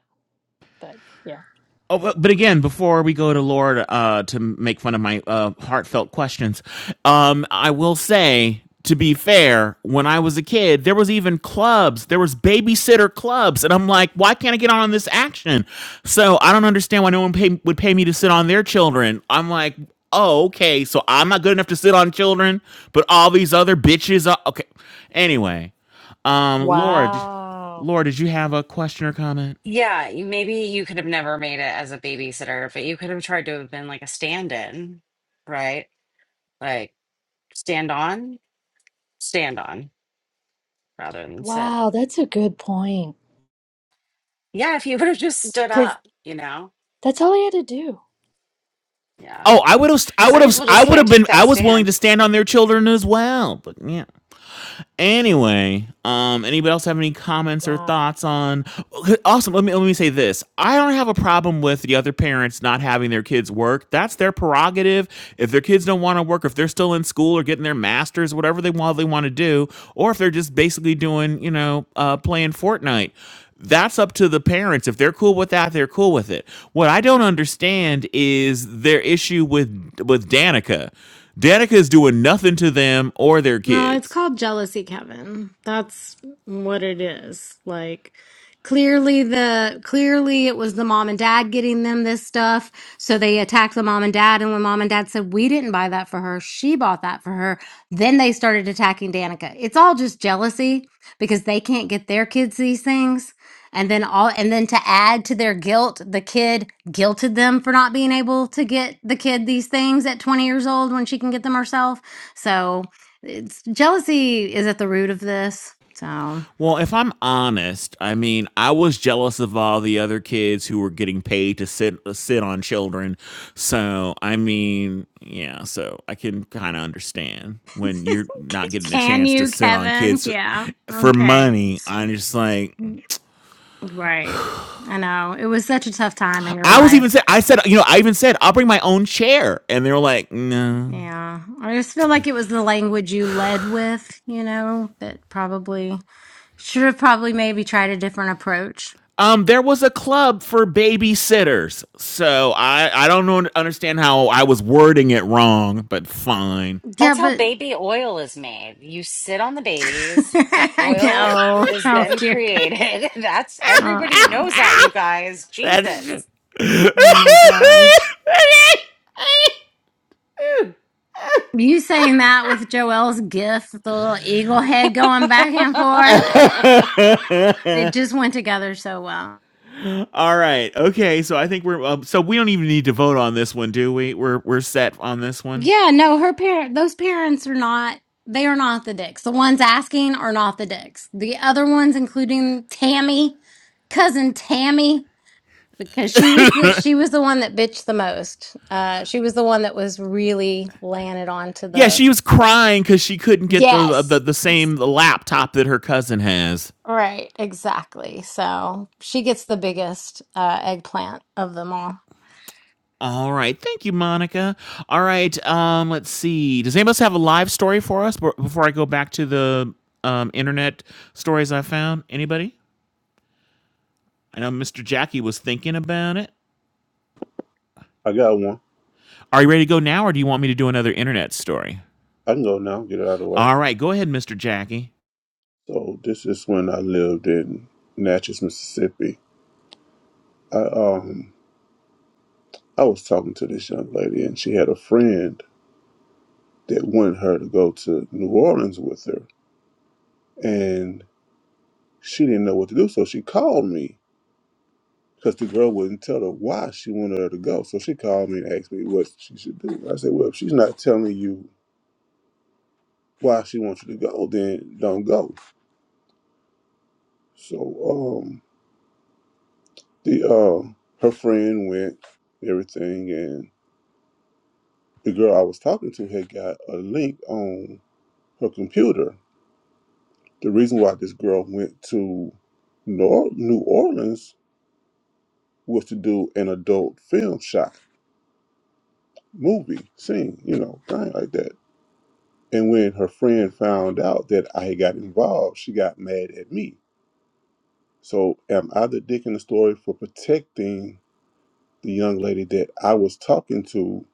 But yeah. Oh, well, but again, before we go to Lord uh, to make fun of my uh, heartfelt questions, um, I will say, to be fair, when I was a kid, there was even clubs. There was babysitter clubs, and I'm like, why can't I get on this action? So I don't understand why no one pay, would pay me to sit on their children. I'm like, oh, okay, so I'm not good enough to sit on children, but all these other bitches are okay. Anyway, um, Lord, Wow. Lord, did you have a question or comment? Yeah, you- maybe you could have never made it as a babysitter, but you could have tried to have been like a stand-in, right? Like stand on, stand on rather than sit. Wow, that's a good point. Yeah, if he would have just stood up, you know? That's all I had to do. Yeah. Oh, I would have, I Some would have, people I just would have can't been, take that I was willing to stand. stand on their children as well. But yeah, Anyway, um, anybody else have any comments or Wow. thoughts on? Awesome. Let me let me say this. I don't have a problem with the other parents not having their kids work. That's their prerogative. If their kids don't want to work, if they're still in school or getting their masters, whatever they want they want to do, or if they're just basically doing you know uh, playing Fortnite. That's up to the parents. If they're cool with that, they're cool with it. What I don't understand is their issue with with Danica. Danica is doing nothing to them or their No, it's kids. called jealousy, Kevin. That's what it is. Like clearly the clearly it was the mom and dad getting them this stuff. So they attacked the mom and dad and when mom and dad said we didn't buy that for her, she bought that for her, then they started attacking Danica. It's all just jealousy because they can't get their kids these things. And then all and then to add to their guilt, the kid guilted them for not being able to get the kid these things at 20 years old when she can get them herself. So it's jealousy is at the root of this. So Well, if I'm honest, I mean, I was jealous of all the other kids who were getting paid to sit sit on children. So, I mean, yeah, so I can kind of understand when you're not getting a can chance to you, sit on Kevin? kids Yeah. for Okay. money. I'm just like, Mm, Right. I know. It was such a tough time in your I was life. even said, I said, you know, I even said I'll bring my own chair, and they were like, no. Yeah. I just feel like it was the language you led with, you know, that probably should have probably maybe tried a different approach. Um, there was a club for babysitters, so I I don't know understand how I was wording it wrong, but fine. Yeah, That's how but baby oil is made. You sit on the babies, the I oil know. is Oh, then dear God. created. That's Oh, everybody oh knows that, you guys. That's. Jesus. my gosh. You saying that with Joelle's gif, the little eagle head going back and forth, it just went together so well. All right. Okay. So I think we're. Um, so we don't even need to vote on this one, do we? We're we're set on this one. Yeah, no, her parent, those parents are not, they are not the dicks. The ones asking are not the dicks. The other ones, including Tammy, cousin Tammy, because she was the she was the one that bitched the most. Uh, she was the one that was really landed onto Yeah, the she was crying because she couldn't get the, uh, the yes, the same laptop that her cousin has. right, exactly. So she gets the biggest uh, eggplant of them all. All right. Thank you, Monica. All right. Um. Let's see. Does anybody else have a live story for us before I go back to the um internet stories I found? Anybody? I know Mr. Jackie was thinking about it. I got one. Are you ready to go now, or do you want me to do another internet story? I can go now, get it out of the way. All right, go ahead, Mr. Jackie. So this is when I lived in Natchez, Mississippi. I um I was talking to this young lady and she had a friend that wanted her to go to New Orleans with her and she didn't know what to do, so she called me because the girl wouldn't tell her why she wanted her to go. So she called me and asked me what she should do. I said, well, if she's not telling you why she wants you to go, then don't go. So um, the uh, her friend went, everything, and the girl I was talking to had got a link on her computer. The reason why this girl went to Nor- New Orleans was to do an adult film shot, movie, scene, you know, thing like that. And when her friend found out that I had got involved, she got mad at me. So am I the dick in the story for protecting the young lady that I was talking to,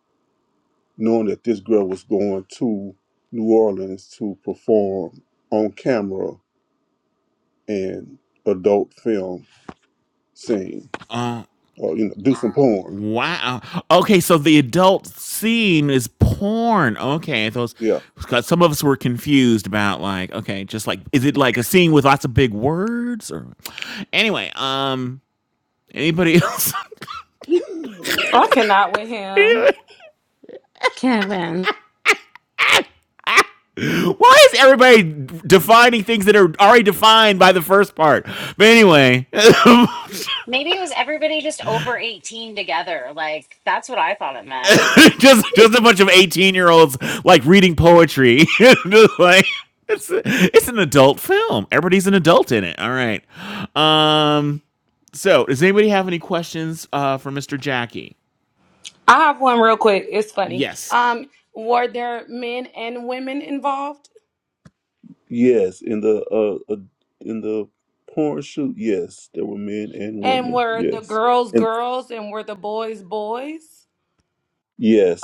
knowing that this girl was going to New Orleans to perform on camera and adult film scene or you know do some porn. Wow. Okay, so the adult scene is porn. Okay, those. Yeah. 'cause Some of us were confused about like, okay, just like, is it like a scene with lots of big words or? Anyway, um, anybody else? I cannot with him. Why Kevin. is everybody defining things that are already defined by the first part? But anyway, Maybe it was everybody just over 18 together. Like that's what I thought it meant. just just a bunch of 18 year olds like reading poetry Just like it's it's an adult film everybody's an adult in it all right um so does anybody have any questions uh for mr jackie I have one real quick. It's funny. yes Um, were there men and women involved? yes, in the uh, uh in the porn shoot, yes, there were men and And women. were the Yes. girls And girls and were the boys boys?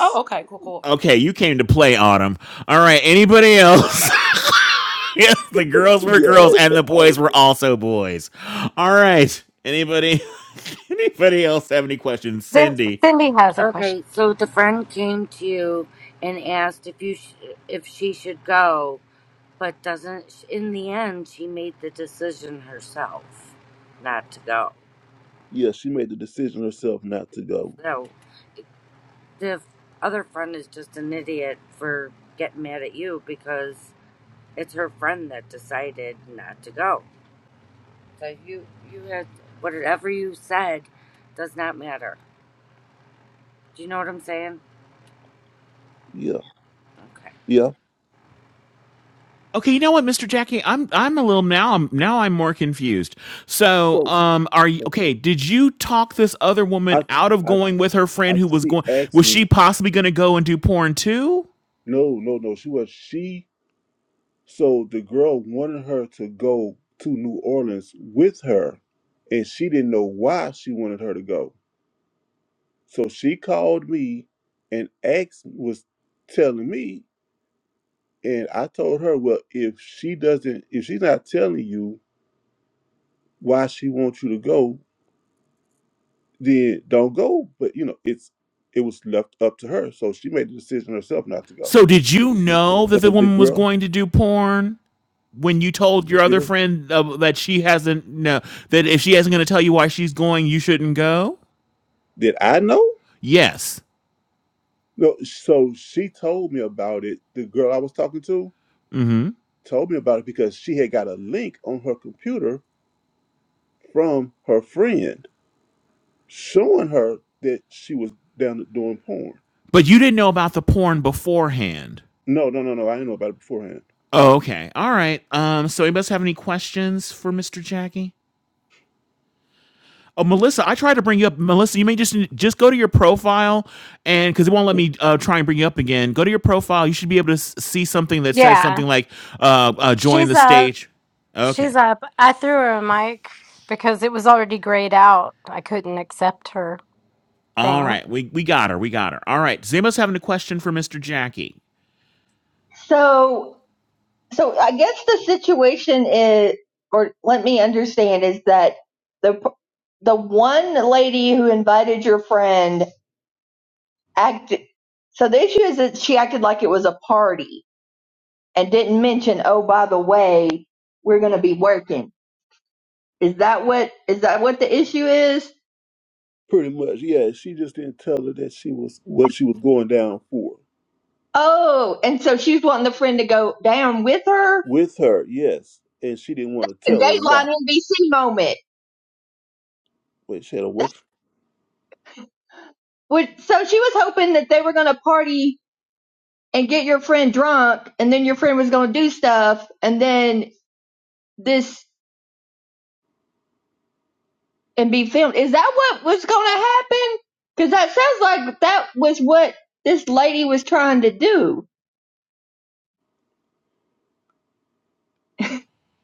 Oh, okay, cool, cool. okay you came to play autumn all right anybody else yes the girls were yeah, girls and the auto boys were pay. also boys all right anybody anybody else have any questions Then cindy Cindy has a question. Okay, so the friend came to you and asked if you sh- if she should go, but doesn't in the end she made the decision herself not to go. Yeah, she made the decision herself not to go. So the other friend is just an idiot for getting mad at you because it's her friend that decided not to go. So you you had whatever you said does not matter. Do you know what I'm saying? Yeah, Okay. yeah. Okay, you know what, Mr. Jackie, I'm I'm a little now I'm now I'm more confused. So, So um are you okay, did you talk this other woman I, out of I, going with her I. friend who was She going asked was she me, possibly going to go and do porn too? no, no, no. She was she. So the girl wanted her to go to New Orleans with her, and she didn't know why she wanted her to go. So she called me, and asked was telling me, and I told her, well, if she doesn't, if she's not telling you why she wants you to go, then don't go. But you know, it's it was left up to her, so she made the decision herself not to go. So, did you know that the And the woman was girl, going to do porn when you told your you other know, friend uh, that she hasn't no that if she isn't going to tell you why she's going, you shouldn't go? did I know? Yes. No, so she told me about it. The girl I was talking to Mhm. told me about it because she had got a link on her computer from her friend showing her that she was down doing porn. But you didn't know about the porn beforehand. No, no, no, no. I didn't know about it beforehand. Oh, okay. All right. Um, so anybody else have any questions for Mr. Jackie? Oh, Melissa, I tried to bring you up. Melissa, you may just just go to your profile, and because it won't let me uh, try and bring you up again, go to your profile. You should be able to s- see something that says Yeah, something like uh, uh, "Join she's the up. stage." Okay. She's up. I threw her a mic because it was already grayed out. I couldn't accept her All thing. right. We we got her. We got her. All right. Does anybody else have any question for Mr. Jackie? So, so I guess the situation is, or let me understand, is that the the one lady who invited your friend acted. So the issue is that she acted like it was a party and didn't mention, oh, by the way, we're going to be working. Is that what is that what the issue is? Pretty much, yeah. She just didn't tell her that she was what she was going down for Oh, and so she's wanting the friend to go down with her. A with her. Yes, and she didn't want to tell her why. Dateline NBC moment. with Shayla what Would- So she was hoping that they were going to party and get your friend drunk, and then your friend was gonna do stuff, and then this and be filmed. Is that what was gonna happen? Because that sounds like that was what this lady was trying to do.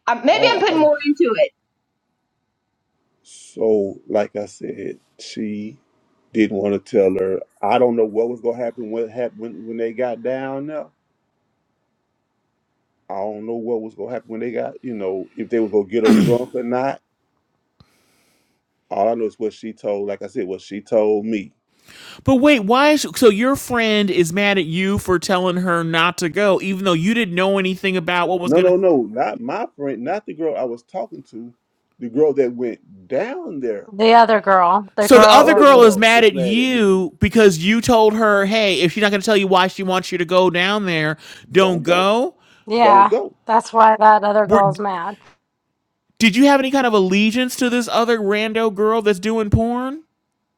I, maybe I'm all I putting more into it. so like I said, she didn't want to tell her. I don't know what was gonna happen what happened when, when they got down there. I don't know what was gonna happen when they got, you know, if they was gonna get her drunk or not. All I know is what she told, like I said, what she told me. But wait, why is so your friend is mad at you for telling her not to go, even though you didn't know anything about what was No, no, gonna no, not my friend, not the girl I was talking to, the girl that went down there. The other girl, the So The the girl other that, other girl was- is girl mad was at mad at me. you because you told her, "Hey, if she's not going to tell you why she wants you to go down there, don't Don't go. go." Don't yeah, go. that's why that other Were, girl's mad. did you have any kind of allegiance to this other rando girl that's doing porn?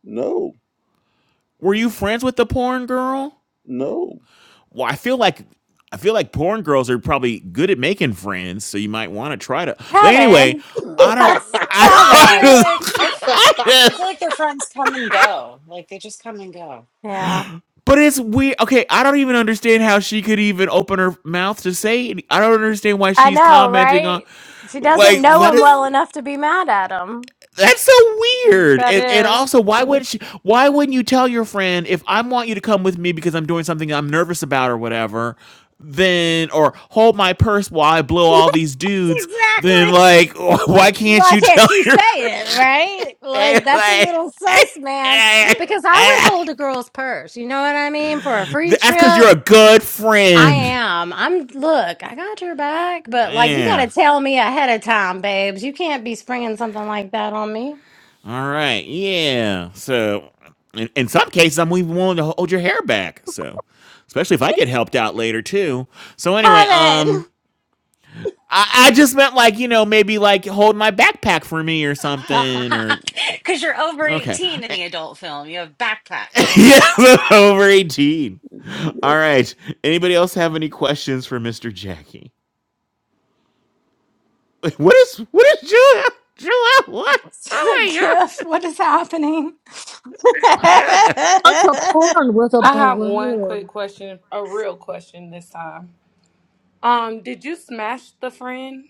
No, Were you friends with the porn girl? no. Well, I feel like I feel like porn girls are probably good at making friends, so you might want to try to. But anyway, Kevin. I don't. That's I I feel Kevin. don't. like I, f- I I just, feel like their friends come and go. Like they just come and go. Yeah, But it's weird. Okay, I don't even understand how she could even open her mouth to say. Any- I don't understand why I she's know, commenting on. right? She Like, doesn't know let us. him well enough to be mad at him. That's so weird. that And, and is. also, why would she? Why wouldn't you tell your friend if I want you to come with me because I'm doing something I'm nervous about or whatever? Then or hold my purse while I blow all these Yes, dudes. exactly. Then like, why can't Why you tell can't you your say it, right? friend? Like that's a like? little sus, man. Yeah. Because I would hold a girl's purse. You know what I mean? For a free That's because trip. you're a good I friend. am. I'm look, I got your back, but like you Yeah. gotta tell me ahead of time, babes. You can't be springing something like that on me. All right. Yeah. So, in, in some cases, I'm even willing to hold your hair back. So, especially if I get helped out later too. So anyway, um, Heaven! I, I just meant like you know maybe like hold my backpack for me or something or Because you're over okay. 18 in the adult film. You have backpack. yeah, over eighteen. All right. Anybody else have any questions for Mister Jackie? What is what is Julia? Julia, what? Oh my The god! gift. What is happening? I don't know. That's a porn with a I have one quick balloon. question, a real question this time. Um, did you smash the friend?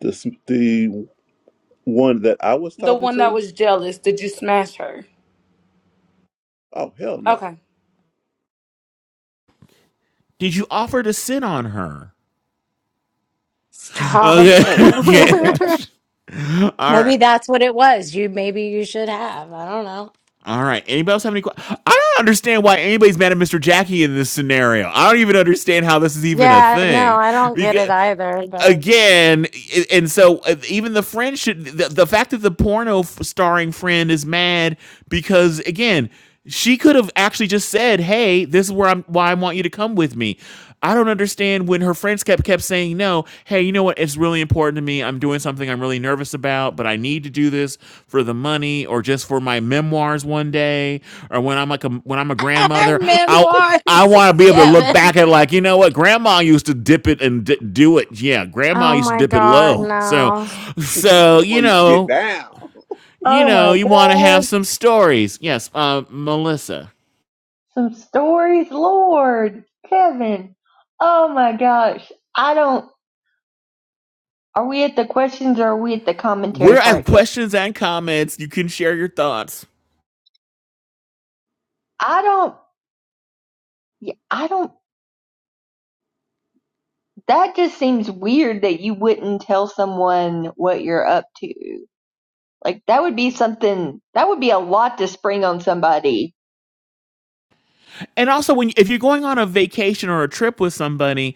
This the one that I was The talking one that to. was jealous, did you smash her? Oh hell no! Okay. Did you offer to sit on her? Stop. Okay. Oh hell no! Oh, yeah. All maybe right. that's what it was. You maybe you should have. I don't know. All right. Anybody else have any questions? I don't understand why anybody's mad at Mr. Jackie in this scenario. I don't even understand how this is even a Yeah, no, thing. I don't get Because it either. But again, and so uh, even the friend should the, the fact that the porno starring friend is mad because again, she could have actually just said, "Hey, this is where I'm why I want you to come with me." I don't understand when her friends kept kept saying no. Hey, you know what? It's really important to me. I'm doing something I'm really nervous about, but I need to do this for the money or just for my memoirs one day or when I'm like a when I'm a grandmother. I I memoirs, want to be able to look Kevin. back at like, you know what, grandma used to dip it and d- do it. Yeah, grandma oh used to my dip it god, low. So no! so, you grandma used to get know, down. you Oh know, my you want to have gosh, some stories. Yes, uh Melissa. some stories, Lord, Kevin. Oh my gosh, I don't. Are we at the questions or are we at the commentary We're part at yet? questions and comments. You can share your thoughts. I don't. yeah, I don't that just seems weird that you wouldn't tell someone what you're up to. Like that would be something that would be a lot to spring on somebody And also, when if you're going on a vacation or a trip with somebody,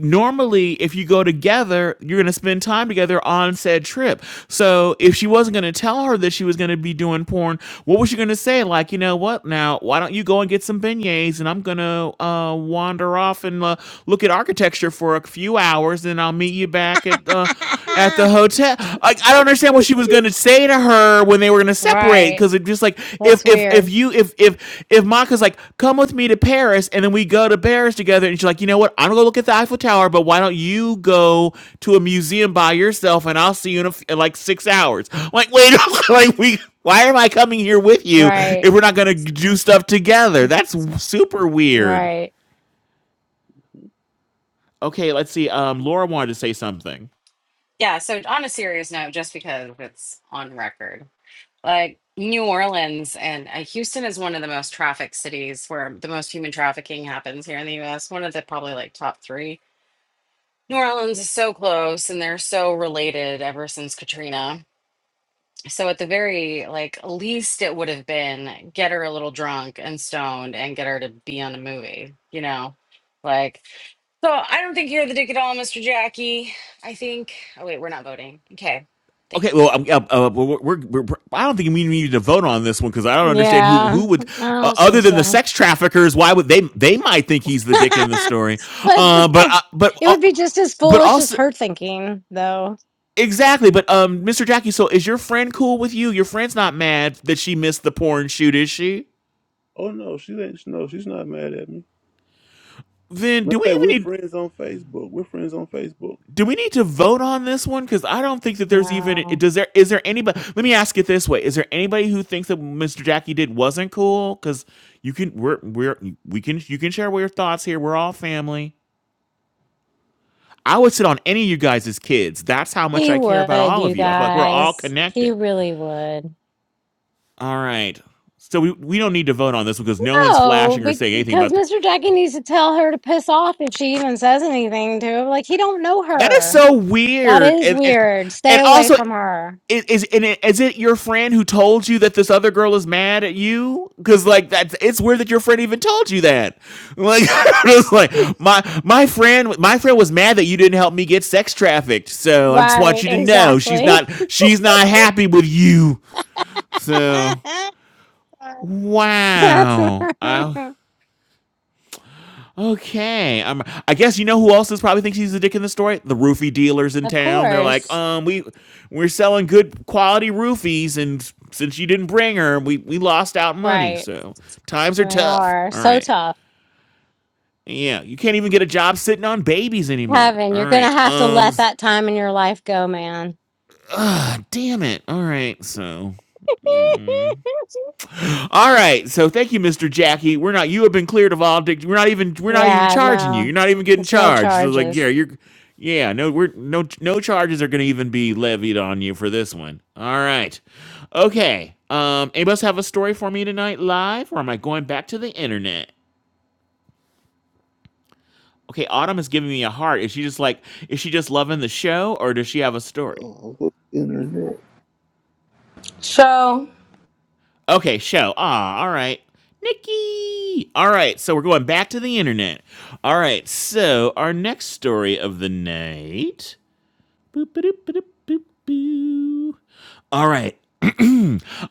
normally if you go together, you're going to spend time together on said trip. So if she wasn't going to tell her that she was going to be doing porn, what was she going to say? Like, you know what? Now, why don't you go and get some beignets, and I'm going to uh, wander off and uh, look at architecture for a few hours, and I'll meet you back at uh, at the hotel. Uh, I don't understand what she was gonna say to her when they were gonna separate Right, because it just like if that's if if weird. you if if if Monica's like come with me to Paris and then we go to Paris together and she's like you know what I'm gonna go look at the Eiffel Tower but why don't you go to a museum by yourself and I'll see you in, a f in like six hours I'm like wait like we why am I coming here with you Right, if we're not gonna do stuff together that's super weird right. okay let's see um Laura wanted to say something Yeah, so on a serious note, just because it's on record, like New Orleans and uh, Houston is one of the most trafficked cities where the most human trafficking happens here in the US. One of the probably like top three. New Orleans is so close and they're so related ever since Katrina. So at the very like least it would have been get her a little drunk and stoned and get her to be on a movie, you know? Like So I don't think you're the dick at all, Mr. Jackie. I think. Oh wait, we're not voting. Okay, Okay, thanks. well, um, uh, uh, we're, we're, we're, I don't think we need to vote on this one because I don't understand who Yeah, who would, I uh, don't other think than the so. sex traffickers, why would they they might think he's the dick in the story, But uh, but uh, but It uh, would be just as but foolish as also her thinking, though. exactly, but um, Mr. Jackie, so is your friend cool with you? Your friend's not mad that she missed the porn shoot, is she? oh no, she ain't. No, she's not mad at me. Then Matter do we of fact, we're even need? friends on Facebook. We're friends on Facebook. do we need to vote on this one? Because I don't think that there's even it- No, does there is there anybody? Let me ask it this way: Is there anybody who thinks that Mr. Jackie did wasn't cool? Because you can we're we're we can you can share your thoughts here. We're all family. I would sit on any of you guys as kids. That's how much he I care about would, all you of you. I feel like we're all guys. He connected. really would. All right. So we, we don't need to vote on this because no one's No, flashing or be- saying anything because about the. Mr. Jackie needs to tell her to piss off if she even says anything to him. Like he don't know That is her. so That weird, is and and, weird. Stay and away also, from her. is is and it, is it your friend who told you that this other girl is mad at you? Because like that's it's weird that your friend even told you that. Like it's like my my friend my friend was mad that you didn't help me get sex trafficked. So I just want Right, you to know she's exactly. not she's not happy with you. So That's of wow, I. Okay. Um, I guess you know who else is probably thinks he's the dick in the story? The roofie dealers in town. They're like, course. um, we we're selling good quality roofies, and since you didn't bring her, we we lost out money. Right. So times are They tough. are All so right. tough. Yeah, you can't even get a job sitting on babies anymore. Kevin, All you're right. gonna have to Um. let that time in your life go, man. Ah, damn it. All right. So All right, so thank you, Mister Jackie. We're not. You have been cleared of all. we're not even. We're not even yeah, charging you. You're no. not even getting There's no charged. So like, yeah, charges. you're. Yeah, no, we're no no charges are going to even be levied on you for this one. All right, okay. Um, anybody else have a story for me tonight, live, or am I going back to the internet? Okay, Autumn is giving me a heart. Is she just like? Is she just loving the show, or does she have a story? Oh, what's internet? So Okay, show. Ah, all right. Nikki. All right, so we're going back to the internet. All right, so our next story of the night. Boop, ba-doop, ba-doop, boop, boo. All right.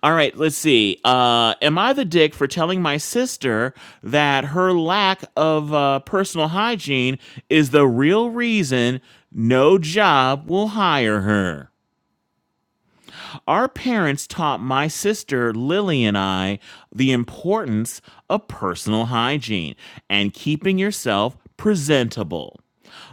All right, let's see. Uh, am I the dick for telling my sister that her lack of uh, personal hygiene is the real reason no job will hire her? Our parents taught my sister Lily and I the importance of personal hygiene and keeping yourself presentable.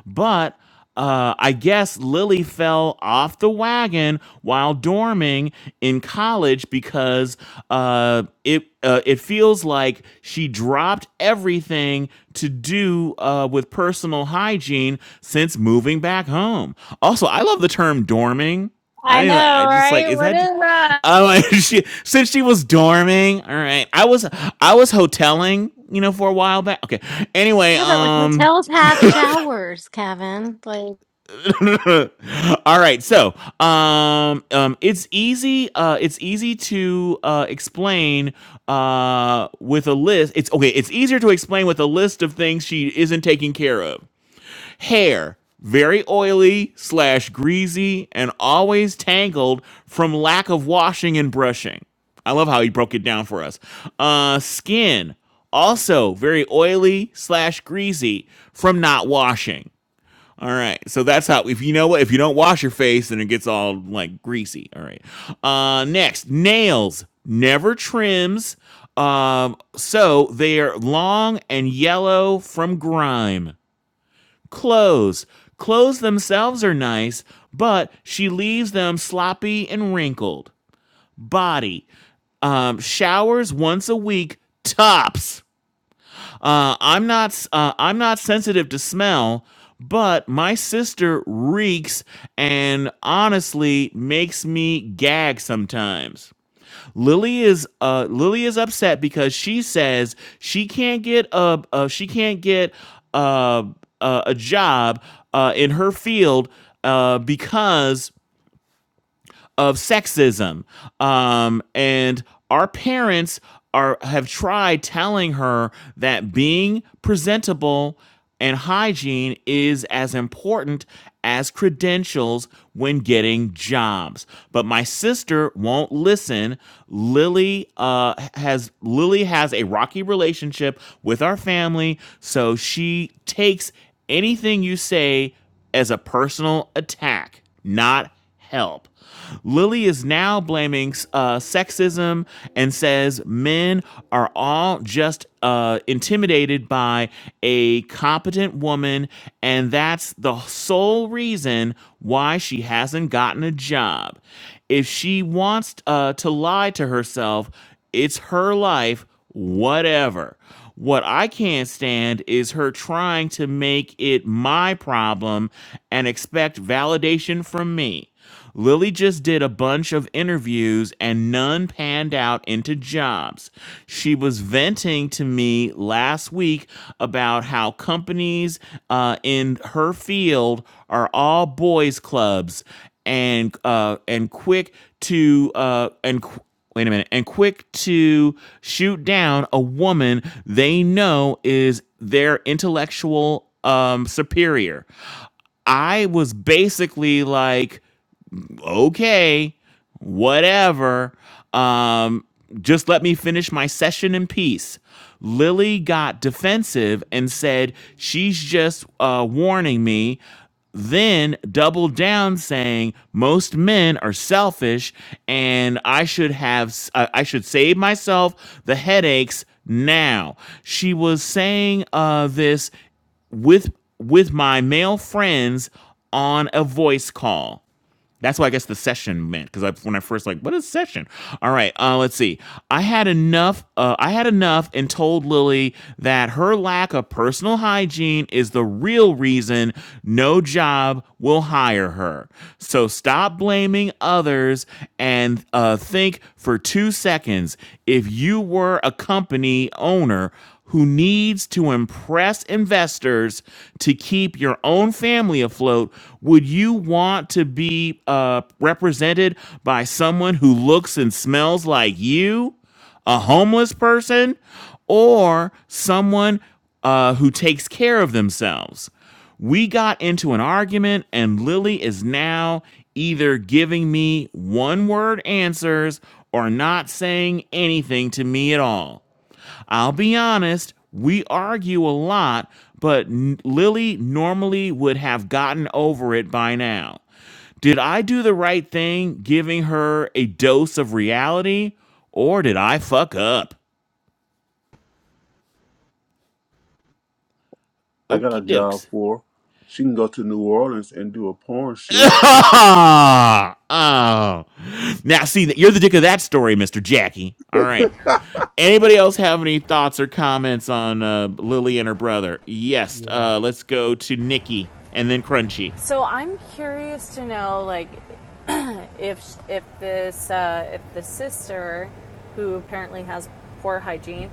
But uh, I guess Lily fell off the wagon while dorming in college because uh, it uh, it feels like she dropped everything to do uh, with personal hygiene since moving back home. Also, I love the term dorming. I I know, didn't. I just like right? is What that? j- is that? I'm like she since she was dorming. All right, I was I was hoteling, you know, for a while back. Okay. Anyway, Yeah, but like um. hotels have showers, Kevin. Like, All right. So, um, um, it's easy. Uh, it's easy to uh, explain uh, with a list. It's okay. It's easier to explain with a list of things she isn't taking care of. Hair, very oily slash greasy, and always tangled from lack of washing and brushing. I love how he broke it down for us. Uh, skin, also very oily slash greasy from not washing. All right. So that's how if you know what if you don't wash your face then it gets all like greasy. All right. Uh next, nails. Never trims. Um so they are long and yellow from grime. Clothes. Clothes themselves are nice, but she leaves them sloppy and wrinkled. Body. Um showers once a week. Tops. Uh, I'm not uh, I'm not sensitive to smell, but my sister reeks and honestly makes me gag sometimes. Lily is uh, Lily is upset because she says she can't get a uh, she can't get uh, a, a job uh, in her field uh, because of sexism. Um, and our parents are have tried telling her that being presentable and hygiene is as important as credentials when getting jobs. But my sister won't listen. Lily uh, has Lily has a rocky relationship with our family, so she takes anything you say as a personal attack, not help. Lily is now blaming uh, sexism and says men are all just uh, intimidated by a competent woman, and that's the sole reason why she hasn't gotten a job. If she wants uh, to lie to herself, it's her life, whatever. What I can't stand is her trying to make it my problem and expect validation from me. Lily just did a bunch of interviews and none panned out into jobs. She was venting to me last week about how companies uh, in her field are all boys clubs and uh, and quick to uh, and qu- wait a minute and quick to shoot down a woman they know is their intellectual um, superior. I was basically like, okay, whatever. Um, just let me finish my session in peace. Lily got defensive and said, She's just uh, warning me. Then doubled down, saying, Most men are selfish and I should have, I I should save myself the headaches now. She was saying uh, this with with my male friends on a voice call. That's what I guess the session meant because I, when I first like, what is session? All right, uh, let's see. I had enough. Uh, I had enough and told Lily that her lack of personal hygiene is the real reason no job will hire her. So stop blaming others and uh, think for two seconds. If you were a company owner, who needs to impress investors to keep your own family afloat, would you want to be uh, represented by someone who looks and smells like you, a homeless person, or someone uh, who takes care of themselves? We got into an argument, and Lily is now either giving me one word answers or not saying anything to me at all. I'll be honest, we argue a lot, but Lily normally would have gotten over it by now. Did I do the right thing giving her a dose of reality, or did I fuck up? I got a Okie job dokes. for. her. She can go to New Orleans and do a porn shoot oh. Now, see, you're the dick of that story, Mr. Jackie. All right. Anybody else have any thoughts or comments on uh, Lily and her brother? Yes. Yeah. Uh, let's go to Nikki and then Crunchy. So I'm curious to know, like, if if this uh, if the sister, who apparently has poor hygiene,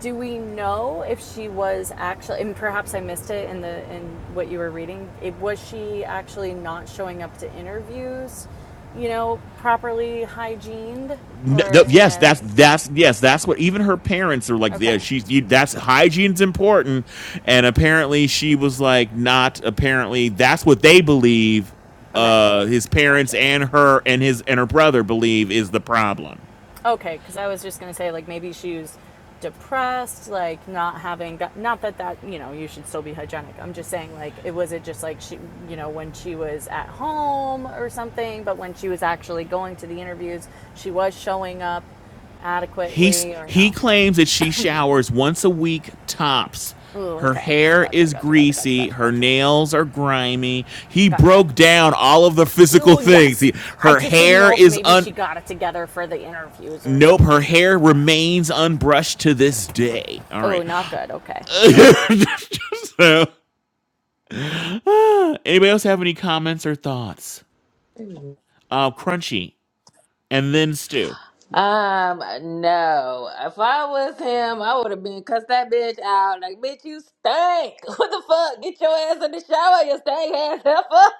do we know if she was actually? And perhaps I missed it in the in what you were reading. It was she actually not showing up to interviews, you know, properly hygiened N- th- or in yes, a? that's that's yes, that's what even her parents are like. Okay, Yeah, she's you, that's hygiene's important, and apparently she was like not. Apparently, that's what they believe. okay, Uh, his parents gotcha. and her and his and her brother believe is the problem. Okay, because I was just gonna say like maybe she was depressed, like not having that. Not that that you know you should still be hygienic. I'm just saying like it was it just like she you know when she was at home or something, but when she was actually going to the interviews, she was showing up He adequately or he no? claims that she showers once a week tops. Ooh, Her okay, hair gotcha, is gotcha, gotcha, gotcha, greasy. gotcha, Her gotcha, nails are grimy. He gotcha. broke down all of the Well, physical well, things. yes. He, I her just didn't hair know if is maybe un. she got it together for the interviews or Nope, her something. hair remains unbrushed to this day. All Oh, right. not good. Okay. so, anybody else have any comments or thoughts? Uh, Crunchy and then Stew. Um, no. If I was him, I would have been cussed that bitch out. Like, bitch, you stink. What the fuck? Get your ass in the shower, you stank ass heifer.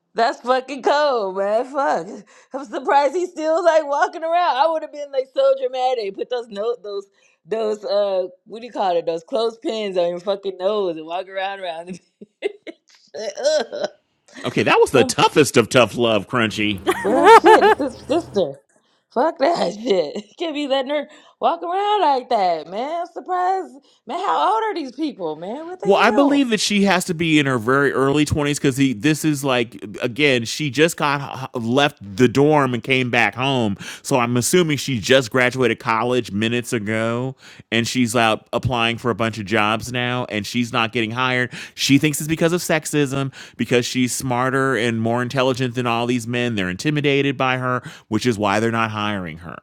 That's fucking cold, man. Fuck. I'm surprised he's still like walking around. I would have been like so dramatic. Put those note those those uh what do you call it? Those clothespins on your fucking nose and walk around around Okay, that was Like, ugh. the toughest of tough love, Crunchy. Well, shit, it's his sister. Fuck that shit. Can't be letting her walk around like that, man. I'm surprised. Man, how old are these people, man? What the Well, I hell? believe that she has to be in her very early 20s because he. this is like, again, she just got h- left the dorm and came back home. So I'm assuming she just graduated college minutes ago and she's out applying for a bunch of jobs now and she's not getting hired. She thinks it's because of sexism, because she's smarter and more intelligent than all these men. They're intimidated by her, which is why they're not hiring her.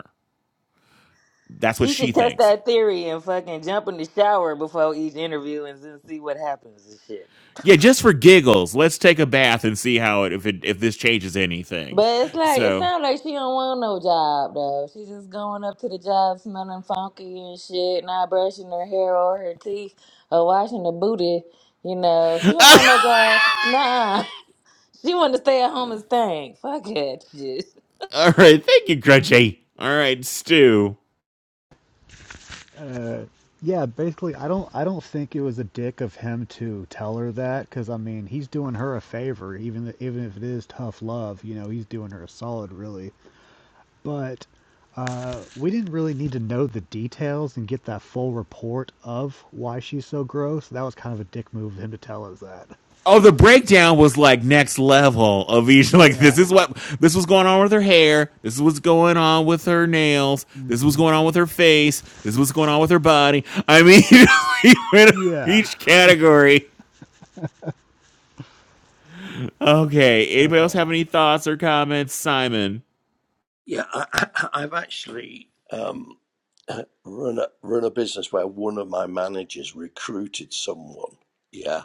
That's what She she should test thinks. that theory and fucking jump in the shower before each interview and then see what happens and shit. Yeah, just for giggles, let's take a bath and see how it if it if this changes anything. But it's like, it So, sounds like she don't want no job, though. She's just going up to the job smelling funky and shit, not brushing her hair or her teeth or washing her booty. You know, she don't want no job. nah. She wanted to stay at home and stank. Fuck it. Shit. all right, thank you, Grudgy. All right, Stu. Uh, yeah, basically I don't I don't think it was a dick of him to tell her that cuz I mean, he's doing her a favor even th- even if it is tough love, you know, he's doing her a solid really. But uh, we didn't really need to know the details and get that full report of why she's so gross. That was kind of a dick move of him to tell us that. Oh, the breakdown was like next level of each. Like this Yeah. is what this was going on with her hair. This is what's going on with her nails. This is what's going on with her face. This is what's going on with her body. I mean, he went over Yeah. each category. Okay. That's Anybody else have all. any thoughts or comments, Simon? Yeah, I, I've actually um, run a, run a business where one of my managers recruited someone, yeah,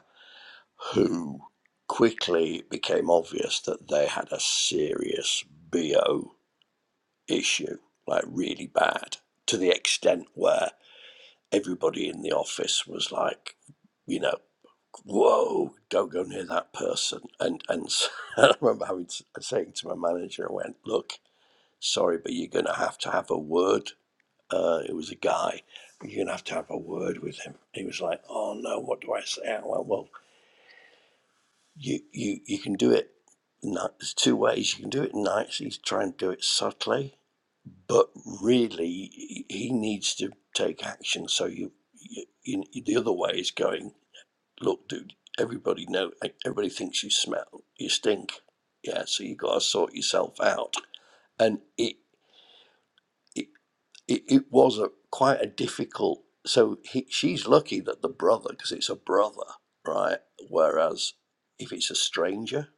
who quickly it became obvious that they had a serious BO issue, like really bad, to the extent where everybody in the office was like, you know, whoa, don't go near that person. And and so I remember having to, saying to my manager, I went, look, sorry, but you're going to have to have a word uh, it was a guy. You're gonna have to have a word with him. He was like, "Oh no, what do I say?" I went, "Well, you you you can do it. ni- There's two ways. You can do it nicely. Try and do it subtly, but really, he he needs to take action. So you, you, you the other way is going. Look, dude. Everybody know. e-, Everybody thinks you smell. You stink. Yeah. So you gotta sort yourself out. And it." it it, it was a quite a difficult. So he, she's lucky that the brother, because it's a brother, right? Whereas if it's a stranger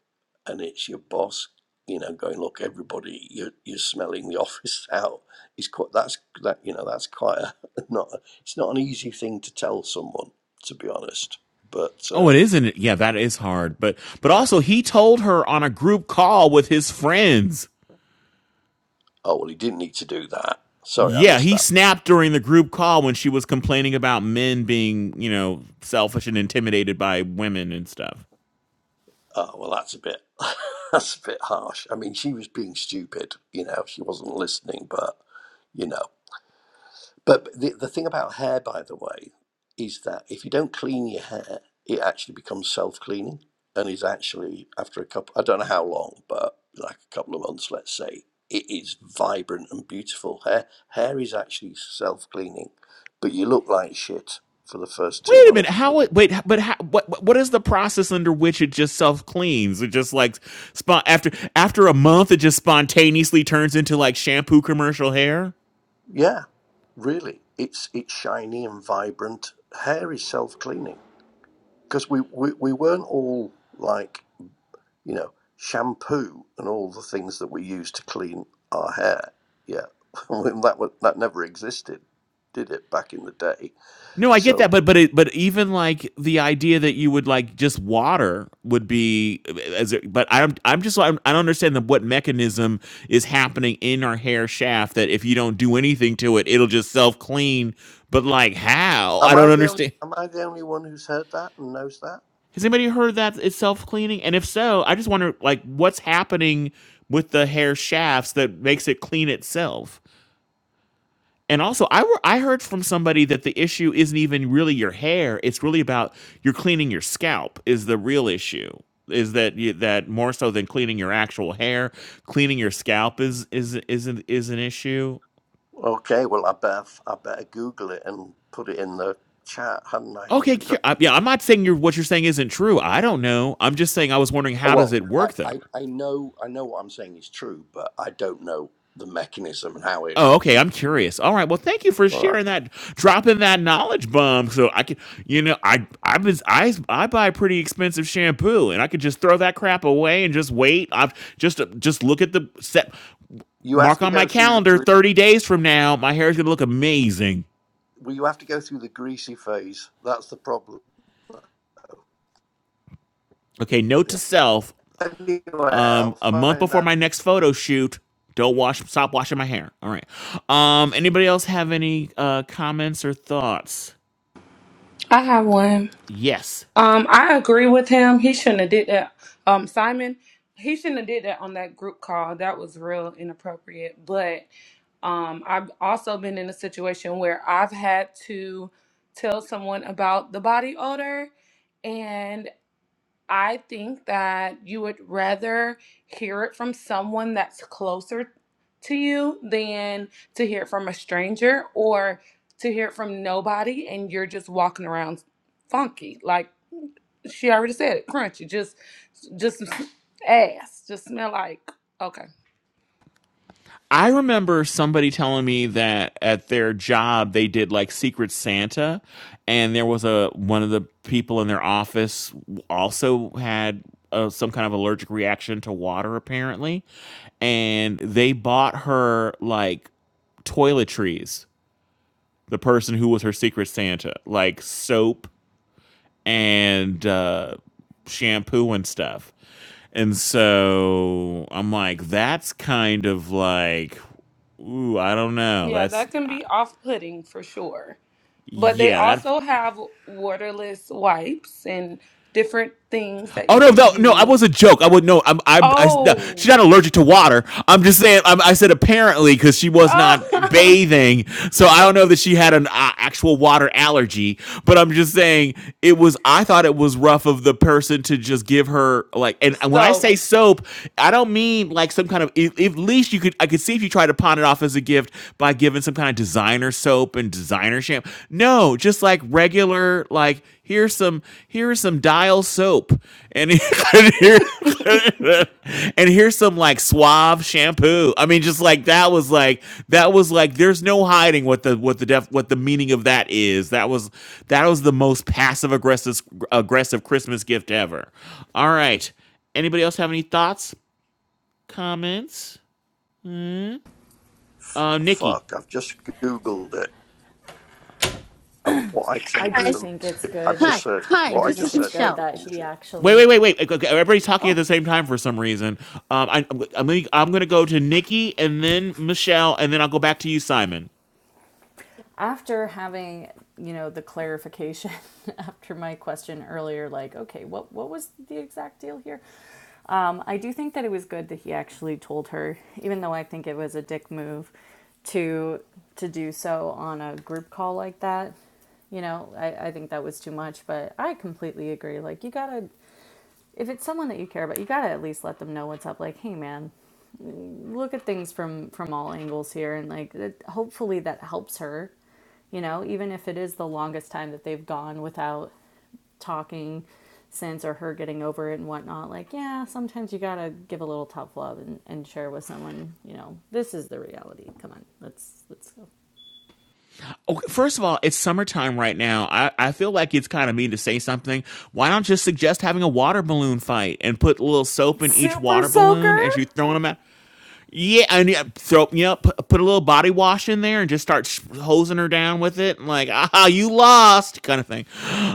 and it's your boss, you know, going look, everybody, you're, you're smelling the office out. It's quite that's that you know that's quite a not. a- It's not an easy thing to tell someone, to be honest. But Oh, uh, it isn't. Yeah, that is hard. But but yeah. also he told her on a group call with his friends. Oh well, he didn't need to do that. Sorry, I Yeah, missed that. he snapped during the group call when she was complaining about men being, you know, selfish and intimidated by women and stuff. Oh, well, that's a bit, that's a bit harsh. I mean, she was being stupid, you know, she wasn't listening, but, you know. But the, the thing about hair, by the way, is that if you don't clean your hair, it actually becomes self cleaning and is actually, after a couple, I don't know how long, but like a couple of months, let's say, it is vibrant and beautiful. Hair, hair is actually self cleaning, but you look like shit for the first two Wait a months. minute. How? Wait. But how, what? What is the process under which it just self cleans? It just like spon- after after a month, it just spontaneously turns into like shampoo commercial hair. Yeah, really. It's it's shiny and vibrant. Hair is self cleaning because we, we we weren't all like you know shampoo and all the things that we use to clean our hair. Yeah, When that was, that never existed, did it back in the day? No, I get So that, but but it, but even like the idea that you would like just water would be as a, but I'm I'm just I'm, I don't understand the, what mechanism is happening in our hair shaft that if you don't do anything to it, it'll just self clean. But like how? I am don't I the only understand. am I the only one who's heard that and knows that? Has anybody heard that it's self cleaning? And if so, I just wonder like what's happening with the hair shafts that makes it clean itself. And also, I were, I heard from somebody that the issue isn't even really your hair; it's really about you're cleaning your scalp is the real issue. Is that you, that more so than cleaning your actual hair? Cleaning your scalp is is is an, is an issue. Okay, well I better I better Google it and put it in the chat, hadn't I? Okay, cu- I- yeah, I'm not saying you're, what you're saying isn't true. I don't know. I'm just saying I was wondering Uh, how does Well, it I, work I, though? I know I know what I'm saying is true, but I don't know the mechanism and how it. Oh, okay. I'm curious. All right. Well, thank you for All right. sharing that, dropping that knowledge bomb. So I can, you know, I I was I I buy pretty expensive shampoo, and I could just throw that crap away and just wait. I've just just look at the set, You have mark to on my go through the calendar. gre- Thirty days from now, my hair is gonna look amazing. well. You have to go through the greasy phase. That's the problem. Okay. Note to Yeah. self: Anyway, um, I'll a month find before out. my next photo shoot, don't wash. Stop washing my hair. All right. Um, anybody else have any uh comments or thoughts? I have one. Yes. Um, I agree with him. He shouldn't have did that. Um, Simon, he shouldn't have did that on that group call. That was real inappropriate. But Um, I've also been in a situation where I've had to tell someone about the body odor, and I think that you would rather hear it from someone that's closer to you than to hear it from a stranger or to hear it from nobody and you're just walking around funky. Like she already said it, crunchy, just just ass, just smell like okay. I remember somebody telling me that at their job they did like Secret Santa, and there was a one of the people in their office also had uh, some kind of allergic reaction to water apparently, and they bought her like toiletries. The person who was her Secret Santa, like soap and uh, shampoo and stuff. And so I'm like, that's kind of like, ooh, I don't know. Yeah, That's that can I- be off-putting for sure. But they yeah, that also have waterless wipes and different things that Oh you no, no, can no! I use. was a joke. I would no. I'm, I'm, I, no, she's Oh, not allergic to water. I'm just saying. I'm, I said apparently because she was not oh. bathing, so I don't know that she had an uh, actual water allergy. But I'm just saying it was. I thought it was rough of the person to just give her like. And when I so say soap, I don't mean like some kind of. At at least you could. I could see if you tried to pawn it off as a gift by giving some kind of designer soap and designer shampoo. No, just like regular like here's some here's some dial soap and here, and here's some like suave shampoo i mean just like that was like that was like there's no hiding what the what the def what the meaning of that is that was that was the most passive aggressive aggressive christmas gift ever all right anybody else have any thoughts comments F- uh nikki fuck! I've just googled it, and what I I said is do guys. a. think it's I've good. just Hi, said I hi. what I do This is think just it's said. good Load Michelle. of that he bullshit. Wait, actually. wait, wait, wait. Okay, okay, everybody's talking at Oh, the same time for some reason. Um, I, I'm, I'm, gonna, I'm gonna go to Nikki and then Michelle, and then I'll go back to you, Simon. after having you know the clarification after my question earlier, like okay, what what was the exact deal here? Um, I do think that it was good that he actually told her, even though I think it was a dick move to to do so on a group call like that. You know, I, I think that was too much, but I completely agree. Like you gotta if it's someone that you care about, you gotta at least let them know what's up. Like, hey man, look at things from from all angles here and like it, hopefully that helps her you know even if it is the longest time that they've gone without talking since or her getting over it and whatnot like yeah sometimes you gotta give a little tough love and, and share with someone you know this is the reality come on let's let's go Okay, first of all, it's summertime right now. I, I feel like it's kind of mean to say something. Why not just suggest having a water balloon fight and put a little soap in each super water balloon soaker as you throwing them out? Yeah, and yeah, throw you know put, put a little body wash in there and just start sh- hosing her down with it, and like ah, you lost kind of thing.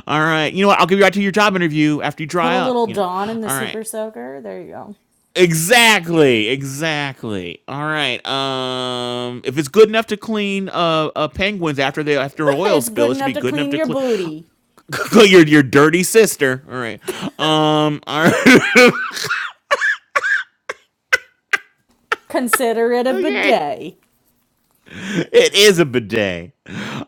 All right, you know what? I'll give you right to your job interview after you put dry a up. little You know, dawn in the all right. super soaker there you go Exactly, exactly. All right. Um, if it's good enough to clean uh, uh penguins after they after an oil it's spill, good it should be enough to good enough clean to your clean booty clean your your dirty sister. All right. Um. All right. consider it a okay. bidet It is a bidet.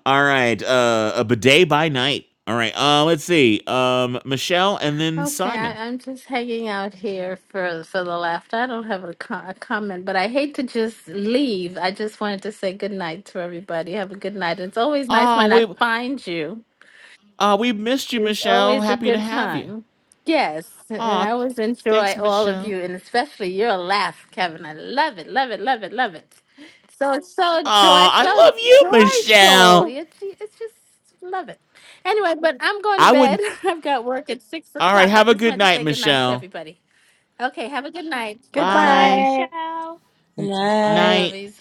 All right. Uh, a bidet by night. All right. Uh, let's see. Um, Michelle and then Okay, Simon. I, I'm just hanging out here for for the laughter. I don't have a, co- a comment, but I hate to just leave. I just wanted to say good night to everybody. Have a good night. It's always nice Oh, when I we find you. uh we missed you, It's Michelle. always a Happy to good have you. time. Yes, and Oh, I always thanks, enjoy all of Michelle. you, and especially your laugh, Kevin. I love it, love it, love it, love it. So it's so joy, Aw, I so love you, joyful. Michelle. It- It's just love it. Anyway, but I'm going to I bed. wouldn't. I've got work at six All right, o'clock. I have a just good wanted to night, say good night to Michelle. everybody. Okay, have a good night. Bye Good night, bye. Bye. goodbye. Michelle. Bye, Right. Night. lovies.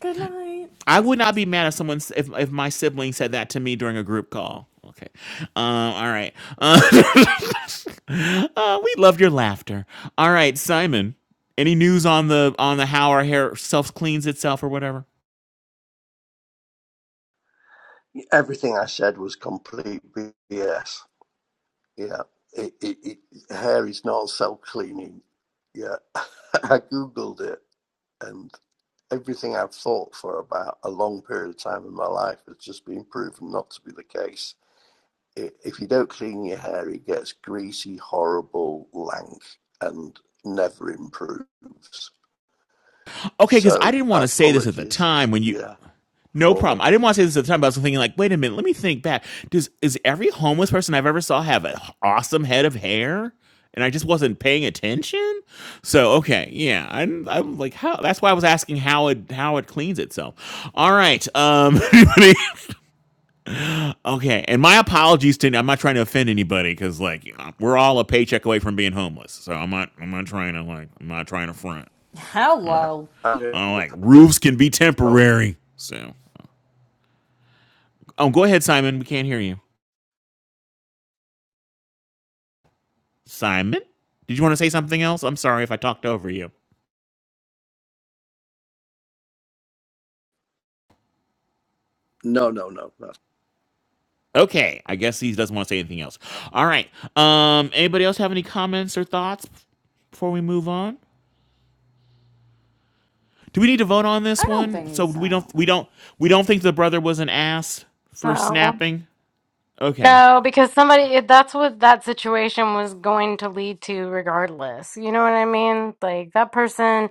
good night I would not be mad if someone s- if if my sibling said that to me during a group call. Okay. Um. All right. Uh, uh, we love your laughter. All right, Simon. Any news on the on the how our hair self cleans itself or whatever? Everything I said was complete BS. Yeah. It, it, it, hair is not self cleaning. Yeah. I googled it. and everything I've thought for about a long period of time in my life has just been proven not to be the case. If you don't clean your hair, it gets greasy, horrible, lank, and never improves. Okay, because I So didn't want to say this at the apologies, time when you yeah, No problem. for I didn't want to say this at the time, but I was thinking like, wait a minute, let me think back. Does is every homeless person I've ever saw have an awesome head of hair? And I just wasn't paying attention. So okay, yeah, I'm, I'm like how. That's why I was asking how it how it cleans itself. All right. Um. okay. And my apologies to. I'm not trying to offend anybody because like you know, we're all a paycheck away from being homeless. So I'm not. I'm not trying to like. I'm not trying to front. hello I'm I'm the like person who roofs can be told. temporary. So. Oh, go ahead, Simon. We can't hear you. Simon, did you want to say something else? I'm sorry if I talked over you. No, no, no, no. Okay, I guess he doesn't want to say anything else. All right. Um, anybody else have any comments or thoughts before we move on? Do we need to vote on this I don't one? So think we don't we so. don't we don't think the brother was an ass for No, snapping. Okay. no, because somebody, it- that's what that situation was going to lead to, regardless. You know what I mean? Like, that person,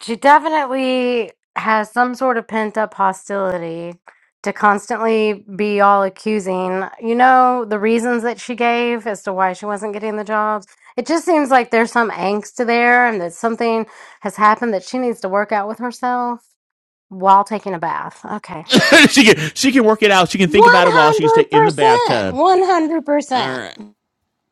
she definitely has some sort of pent up hostility to constantly be all accusing. You know, the reasons that she gave as to why she wasn't getting the jobs. It just seems like there's some angst there and that something has happened that she needs to work out with herself. While taking a bath. Okay. she can she can work it out. She can think about it while she's ta- in the 100%. bathtub. All 100%. right.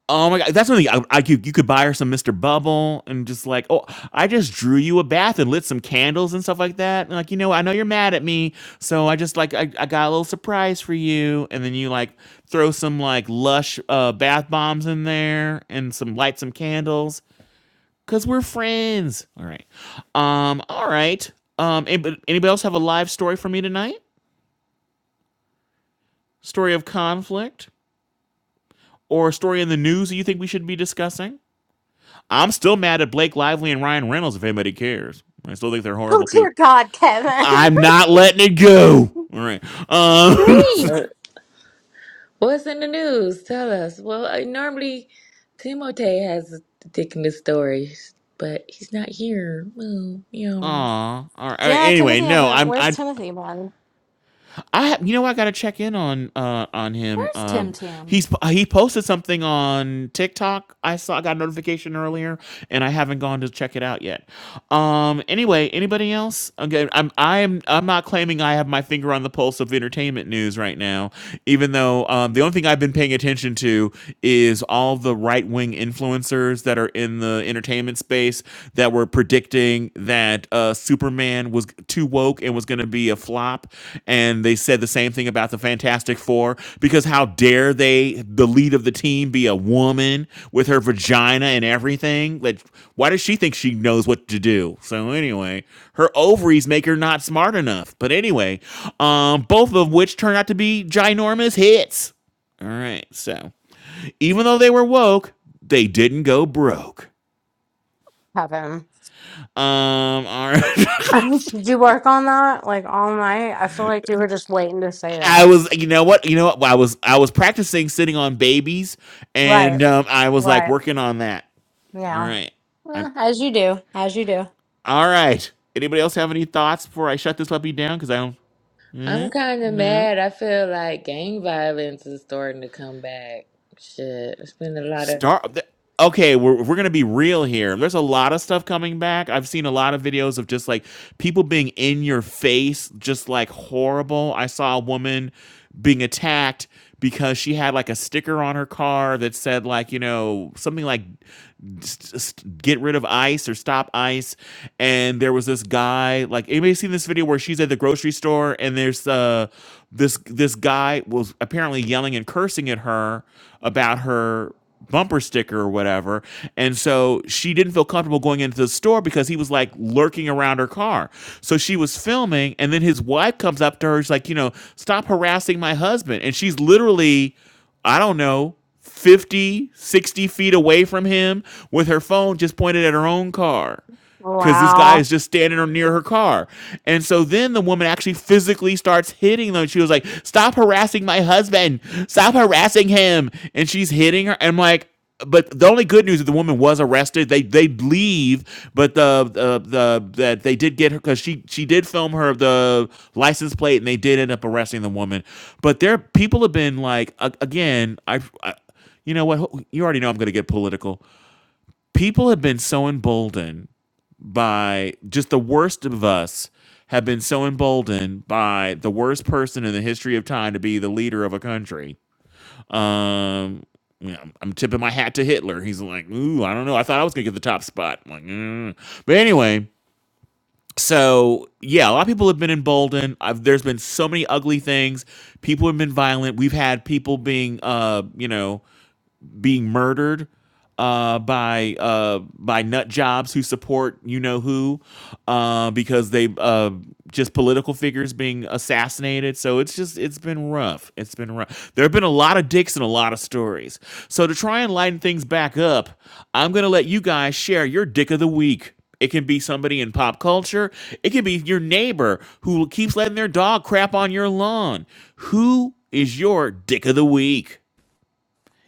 Oh my god, that's something I, I could you could buy her some Mr. Bubble and just like, oh, I just drew you a bath and lit some candles and stuff like that. And like, you know, I know you're mad at me, so I just like I, I got a little surprise for you. And then you like throw some like lush uh bath bombs in there and some light some candles. Cause we're friends. All right. Um, all right. Um anybody, anybody else have a live story for me tonight? Story of conflict? Or story in the news that you think we should be discussing? I'm still mad at Blake Lively and Ryan Reynolds if anybody cares. I still think they're Oh, horrible dear people. God, Kevin. I'm not letting it go. All right. Um. Dream. Er, What's in the news? Tell us. Well, I, normally Timotei has a ridiculous stories, but he's not here. Well, you know. Aw. All right. Yeah, Anyway, Timothy no. hasn't. I'm. Where's I. Timothy, bud? I have, you know I got to check in on uh on him. Where's Uh, Tim Tam? he's he posted something on TikTok. I saw I got a notification earlier, and I haven't gone to check it out yet. Um. Anyway, anybody else? Okay, I'm I'm I'm not claiming I have my finger on the pulse of entertainment news right now, even though um the only thing I've been paying attention to is all the right wing influencers that are in the entertainment space that were predicting that uh, Superman was too woke and was going to be a flop. And they said the same thing about the Fantastic Four because how dare they, the lead of the team, be a woman with her vagina and everything? Like, why does she think she knows what to do? So, anyway, her ovaries make her not smart enough. But anyway, um, both of which turned out to be ginormous hits. All right, so even though they were woke, they didn't go broke. Kevin. Um, all right. Did you work on that like all night? I feel like you were just waiting to say I that. was, you know what, you know what, I was, I was practicing sitting on babies, Right. and um, I was like Right. working on that. All Yeah. right, I'm, Well, as you do. As you do. all right. Anybody else have any thoughts before I shut this puppy down? Because I don't, I'm mm, kind of no. mad. I feel like gang violence is starting to come back. Shit, it's been a lot of. Star. Okay, we're we're gonna be real here. There's a lot of stuff coming back. I've seen a lot of videos of just like people being in your face, just like horrible. I saw a woman being attacked because she had like a sticker on her car that said like you know something like s- s- get rid of ice or stop ice and there was this guy like anybody seen this video where she's at the grocery store and there's uh this this guy was apparently yelling and cursing at her about her bumper sticker or whatever and so she didn't feel comfortable going into the store because he was like lurking around her car so she was filming and then his wife comes up to her she's like you know stop harassing my husband and she's literally i don't know 50, 60 feet away from him with her phone just pointed at her own car because this guy Wow. is just standing near her car. And so then the woman actually physically starts hitting them. She was like, Stop harassing my husband. Stop harassing him. And she's hitting her. I'm like, but the only good news is the woman was arrested. They they leave, but the the, the that they did get her because she she did film her the license plate, and they did end up arresting the woman. But there people have been like a- again, I, I you know what? You already know I'm going to get political. People have been so emboldened by just the worst of us have been so emboldened by the worst person in the history of time to be the leader of a country. Um, you know, I'm tipping my hat to Hitler. He's like, ooh, I don't know. I thought I was gonna get the top spot. I'm like, mm. but anyway, so yeah, a lot of people have been emboldened. I've, there's been so many ugly things. People have been violent. We've had people being, uh, you know, being murdered uh, by uh, by nut jobs who support you know who uh, because they uh, just political figures being assassinated. So it's just it's been rough. It's been rough. There have been a lot of dicks and a lot of stories. So to try and lighten things back up, I'm gonna let you guys share your dick of the week. It can be somebody in pop culture. It can be your neighbor who keeps letting their dog crap on your lawn. Who is your dick of the week?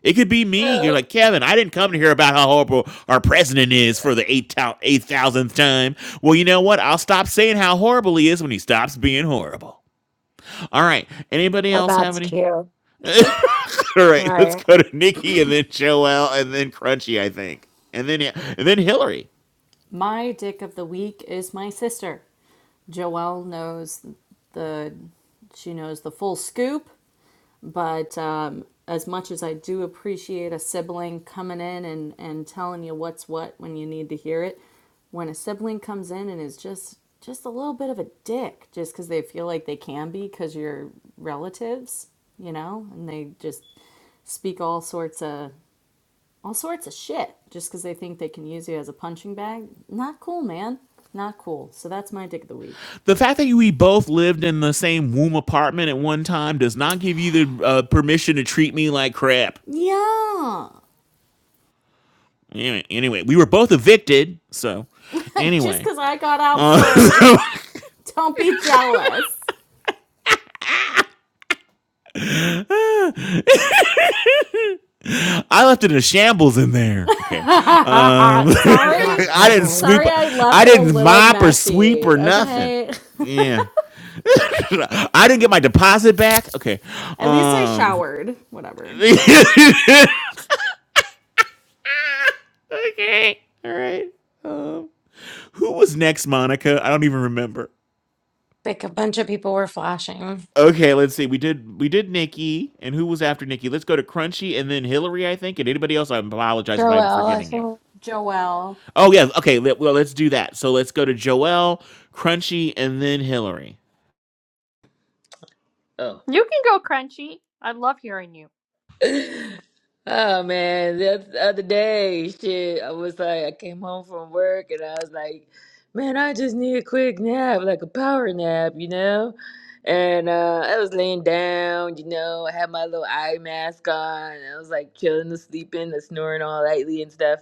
It could be me. You're like, Kevin, I didn't come to hear about how horrible our president is for the 8,000th time. Well, you know what? I'll stop saying how horrible he is when he stops being horrible. All right. Anybody Oh, else have that's any? cute. All right. Let's Right. go to Nikki and then Joelle and then Crunchy, I think. And then, and then Hillary. My dick of the week is my sister. Joelle knows the she knows the full scoop, but um, as much as I do appreciate a sibling coming in and, and telling you what's what when you need to hear it, when a sibling comes in and is just just a little bit of a dick just because they feel like they can be because you're relatives, you know, and they just speak all sorts of all sorts of shit just because they think they can use you as a punching bag. Not cool, man. Not cool. So that's my dick of the week. The fact that we both lived in the same womb apartment at one time does not give you the uh, permission to treat me like crap. Yeah. Anyway, anyway, we were both evicted. So, just anyway. because I got out first. Don't be jealous. I left it in a shambles in there. Okay. Um, Oh, Sorry. God, I didn't Kevin. sweep. Sorry, I I left it a didn't little mop or sweep or messy. nothing. Okay. Yeah. I didn't get my deposit back. Okay. At least I Um, showered. Whatever. okay. All right. Um, who was next, Monica? I don't even remember. Like a bunch of people were flashing. Okay, let's see. We did we did Nikki, and who was after Nikki? Let's go to Crunchy and then Hillary, I think. And anybody else, I apologize if I'm Joelle, I forgetting you. think. Joelle. Oh yeah, okay. let- Well, let's do that. So let's go to Joel, Crunchy, and then Hillary. Oh. You can go, Crunchy. I love hearing you. Oh man, the oth- other day, shit, I was like, I came home from work and I was like, man, I just need a quick nap, like a power nap, you know? And uh, I was laying down, you know, I had my little eye mask on, and I was like chilling and sleeping and snoring all lightly and stuff.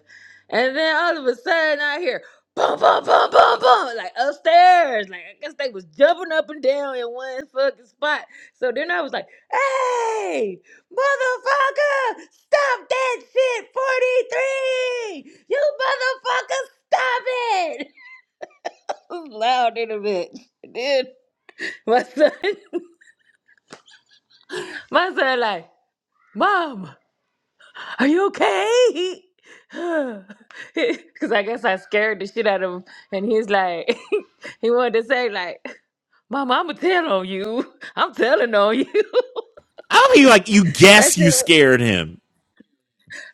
And then all of a sudden, I hear boom, boom, boom, boom, boom, like upstairs. Like, I guess they was jumping up and down in one fucking spot. So then I was like, hey! Motherfucker, stop that shit, 43! You motherfucker, stop it! I was loud in a bit. Then my son, my son like, Mom, are you okay? Because I guess I scared the shit out of him. And he's like, he wanted to say like, Mama, I'ma tell on you. I'm telling on you. I don't think like you That guess you shit. scared him.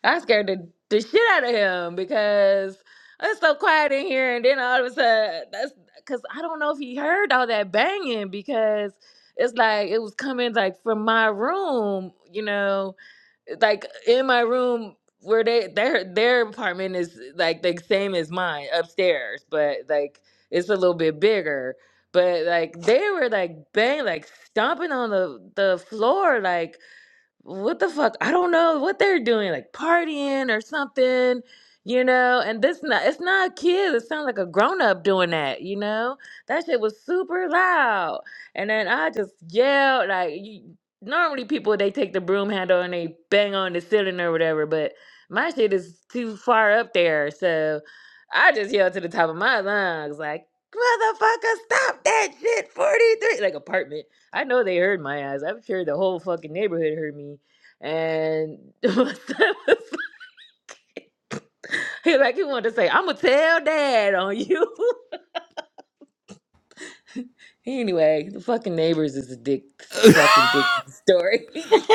I scared the, the shit out of him because it's so quiet in here, and then all of a sudden, that's because I don't know if he heard all that banging because it's like it was coming like from my room, you know, like in my room where they their their apartment is like the same as mine upstairs, but like it's a little bit bigger. But like they were like bang, like stomping on the the floor, like what the fuck? I don't know what they're doing, like partying or something, you know. And this not it's not kids. It sounds like a grown up doing that, you know. That shit was super loud, and then I just yelled like. You, normally people they take the broom handle and they bang on the ceiling or whatever, but my shit is too far up there, so I just yelled to the top of my lungs like. Motherfucker, stop that shit! Forty three, like apartment. I know they heard my ass. I'm sure the whole fucking neighborhood heard me. And he like he wanted to say, "I'ma tell dad on you." anyway, the fucking neighbors is a dick, fucking dick story,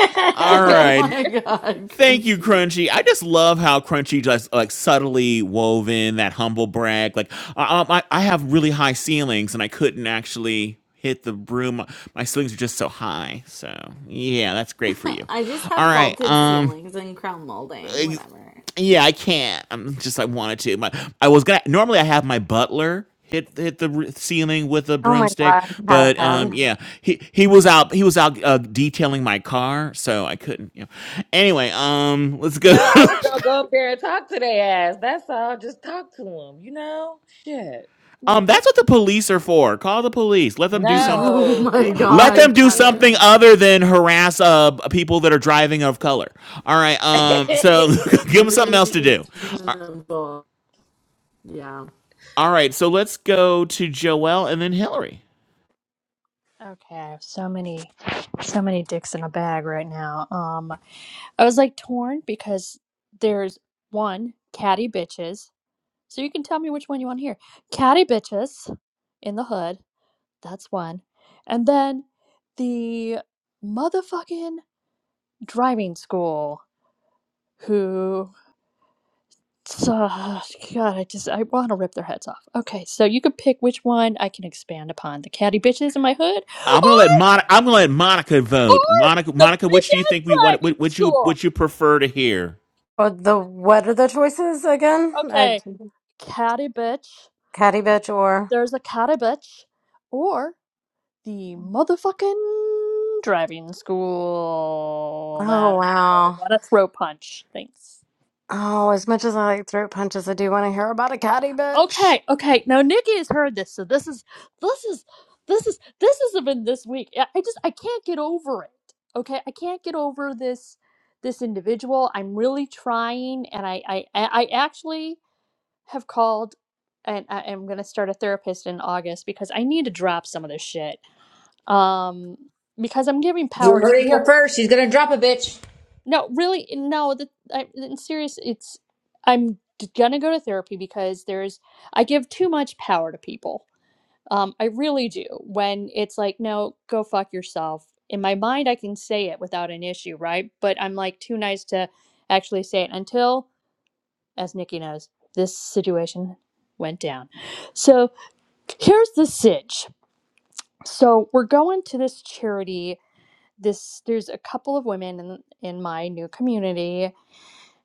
All Oh dickhead. right. my god, Thank you, crunchy. Crunchy. I just love how Crunchy just like subtly wove in that humble brag. Like I, um, I, I have really high ceilings and I couldn't actually hit the broom. My ceilings are just so high. So yeah, that's great for you. I just All have right. vaulted Um, ceilings and crown molding. Whatever. Yeah, I can't. I'm just I wanted to. My I was gonna normally I have my butler hit hit the r- ceiling with a oh my broomstick, God, but um Kevin. yeah, he he was out he was out uh, detailing my car, so I couldn't. You know. Anyway, um let's go. No, I was gonna go up there and talk to their ass. That's all. Just talk to them, you know? Shit, um motherfucker. that's what the police are for. Call the police. Let them do something. Oh No, I my don't even know Let if they God, them do speak English. something Kevin. other than harass uh people that are driving of color. All right. Um so give them something else to do. All Reasonable. Yeah. all right. So let's go to Joelle and then Hillary. Okay, I have so many, so many dicks in a bag right now. Um, I was like torn because there's one catty bitches. So you can tell me which one you want to hear. Catty bitches in the hood. That's one. And then the motherfucking driving school who. Ugh, God, I just I want to rip their heads off. Okay, so you could pick which one I can expand upon: the catty bitches in my hood, I'm gonna let Monica. or I'm gonna let Monica Or vote. Monica, the Monica, bitch which do you think we ass want? driving Which which you school. which you prefer to hear? Or the what are the choices again? I Okay, catty bitch. catty bitch or There's a catty bitch, or the motherfucking driving school oh that I wow. want to throw punch. Thanks. Oh, as much as I like throat punches, I do want to hear about a catty bitch. Okay, okay. Now Nikki has heard this, so this is this is this is this has been this week. I I just I can't get over it. Okay, I can't get over this this individual. I'm really trying, and I I I I actually have called and I am going to start a therapist in August because I need to drop some of this shit. Um because I'm giving You power heard to it here people. first. She's gonna drop a bitch. No, really no, the I in serious it's I'm going to go to therapy because there's I give too much power to people. Um I really do. When it's like no, go fuck yourself. In my mind I can say it without an issue, right? But I'm like too nice to actually say it until as Nikki knows, this situation went down. So here's the sitch. So we're going to this charity. This there's a couple of women in in my new community,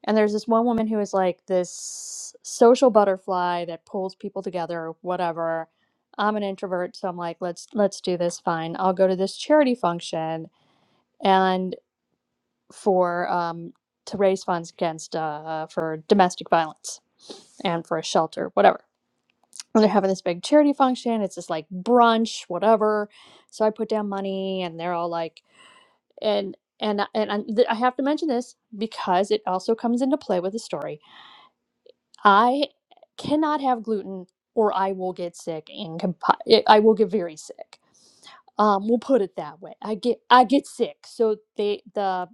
and there's this one woman who is like this social butterfly that pulls people together, whatever. I'm an introvert, so I'm like, let's let's do this. Fine, I'll go to this charity function and for um to raise funds against uh for domestic violence and for a shelter, whatever. and they're having this big charity function. It's just like brunch, whatever. So I put down money, and they're all like, and and uh, and I, th- I have to mention this because it also comes into play with the story. I cannot have gluten, or I will get sick and compi- eh, I will get very sick. Um, we'll put it that way. I get I get sick. So they the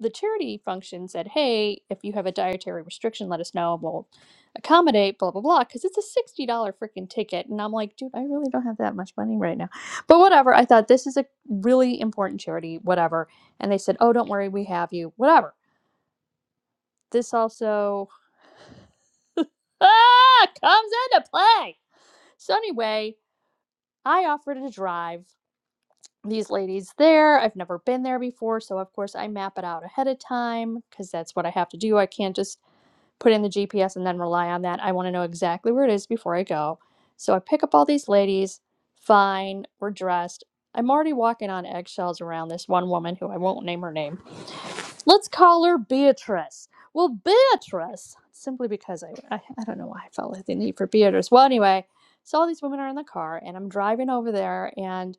the charity function said, "Hey, if you have a dietary restriction, let us know. and We'll accommodate." Blah blah blah. Because it's a sixty dollar freaking ticket, and I'm like, dude, I really don't have that much money right now. But whatever. I thought this is a really important charity. Whatever. And they said, "Oh, don't worry, we have you." Whatever. This also ah comes into play. So anyway, I offered to drive these ladies there. I've never been there before, so of course I map it out ahead of time because that's what I have to do. I can't just put in the GPS and then rely on that. I want to know exactly where it is before I go. So I pick up all these ladies. Fine, we're dressed. I'm already walking on eggshells around this one woman who I won't name her name. Let's call her Beatrice. Well, Beatrice, simply because I, I, I don't know why I felt like the need for Beatrice. Well, anyway, so all these women are in the car, and I'm driving over there, and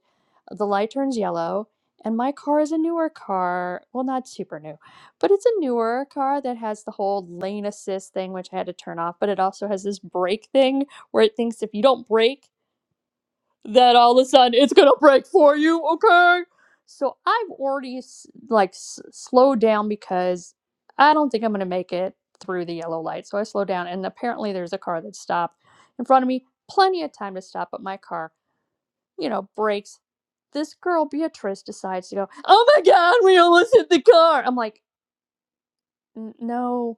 the light turns yellow, and my car is a newer car. Well, not super new, but it's a newer car that has the whole lane assist thing, which I had to turn off, but it also has this brake thing where it thinks if you don't brake, that all of a sudden it's gonna break for you, okay? So I've already like s- slowed down because I don't think I'm gonna make it through the yellow light. So I slowed down, and apparently there's a car that stopped in front of me. Plenty of time to stop, but my car, you know, brakes. This girl Beatrice decides to go. Oh my God, we almost hit the car! I'm like, "N- no,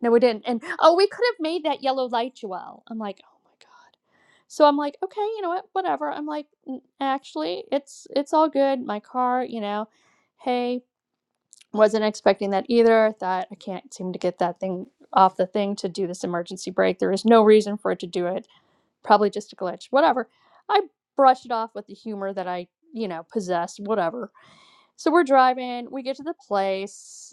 no, we didn't. And oh, we could have made that yellow light, Joelle. I'm like, oh my god. So I'm like, okay, you know what, whatever. I'm like, "N- actually, it's it's all good. My car, you know, hey, wasn't expecting that either. I Thought I can't seem to get that thing off the thing to do this emergency brake. There is no reason for it to do it. Probably just a glitch. Whatever. I brushed it off with the humor that I, you know, possess. Whatever. So we're driving. We get to the place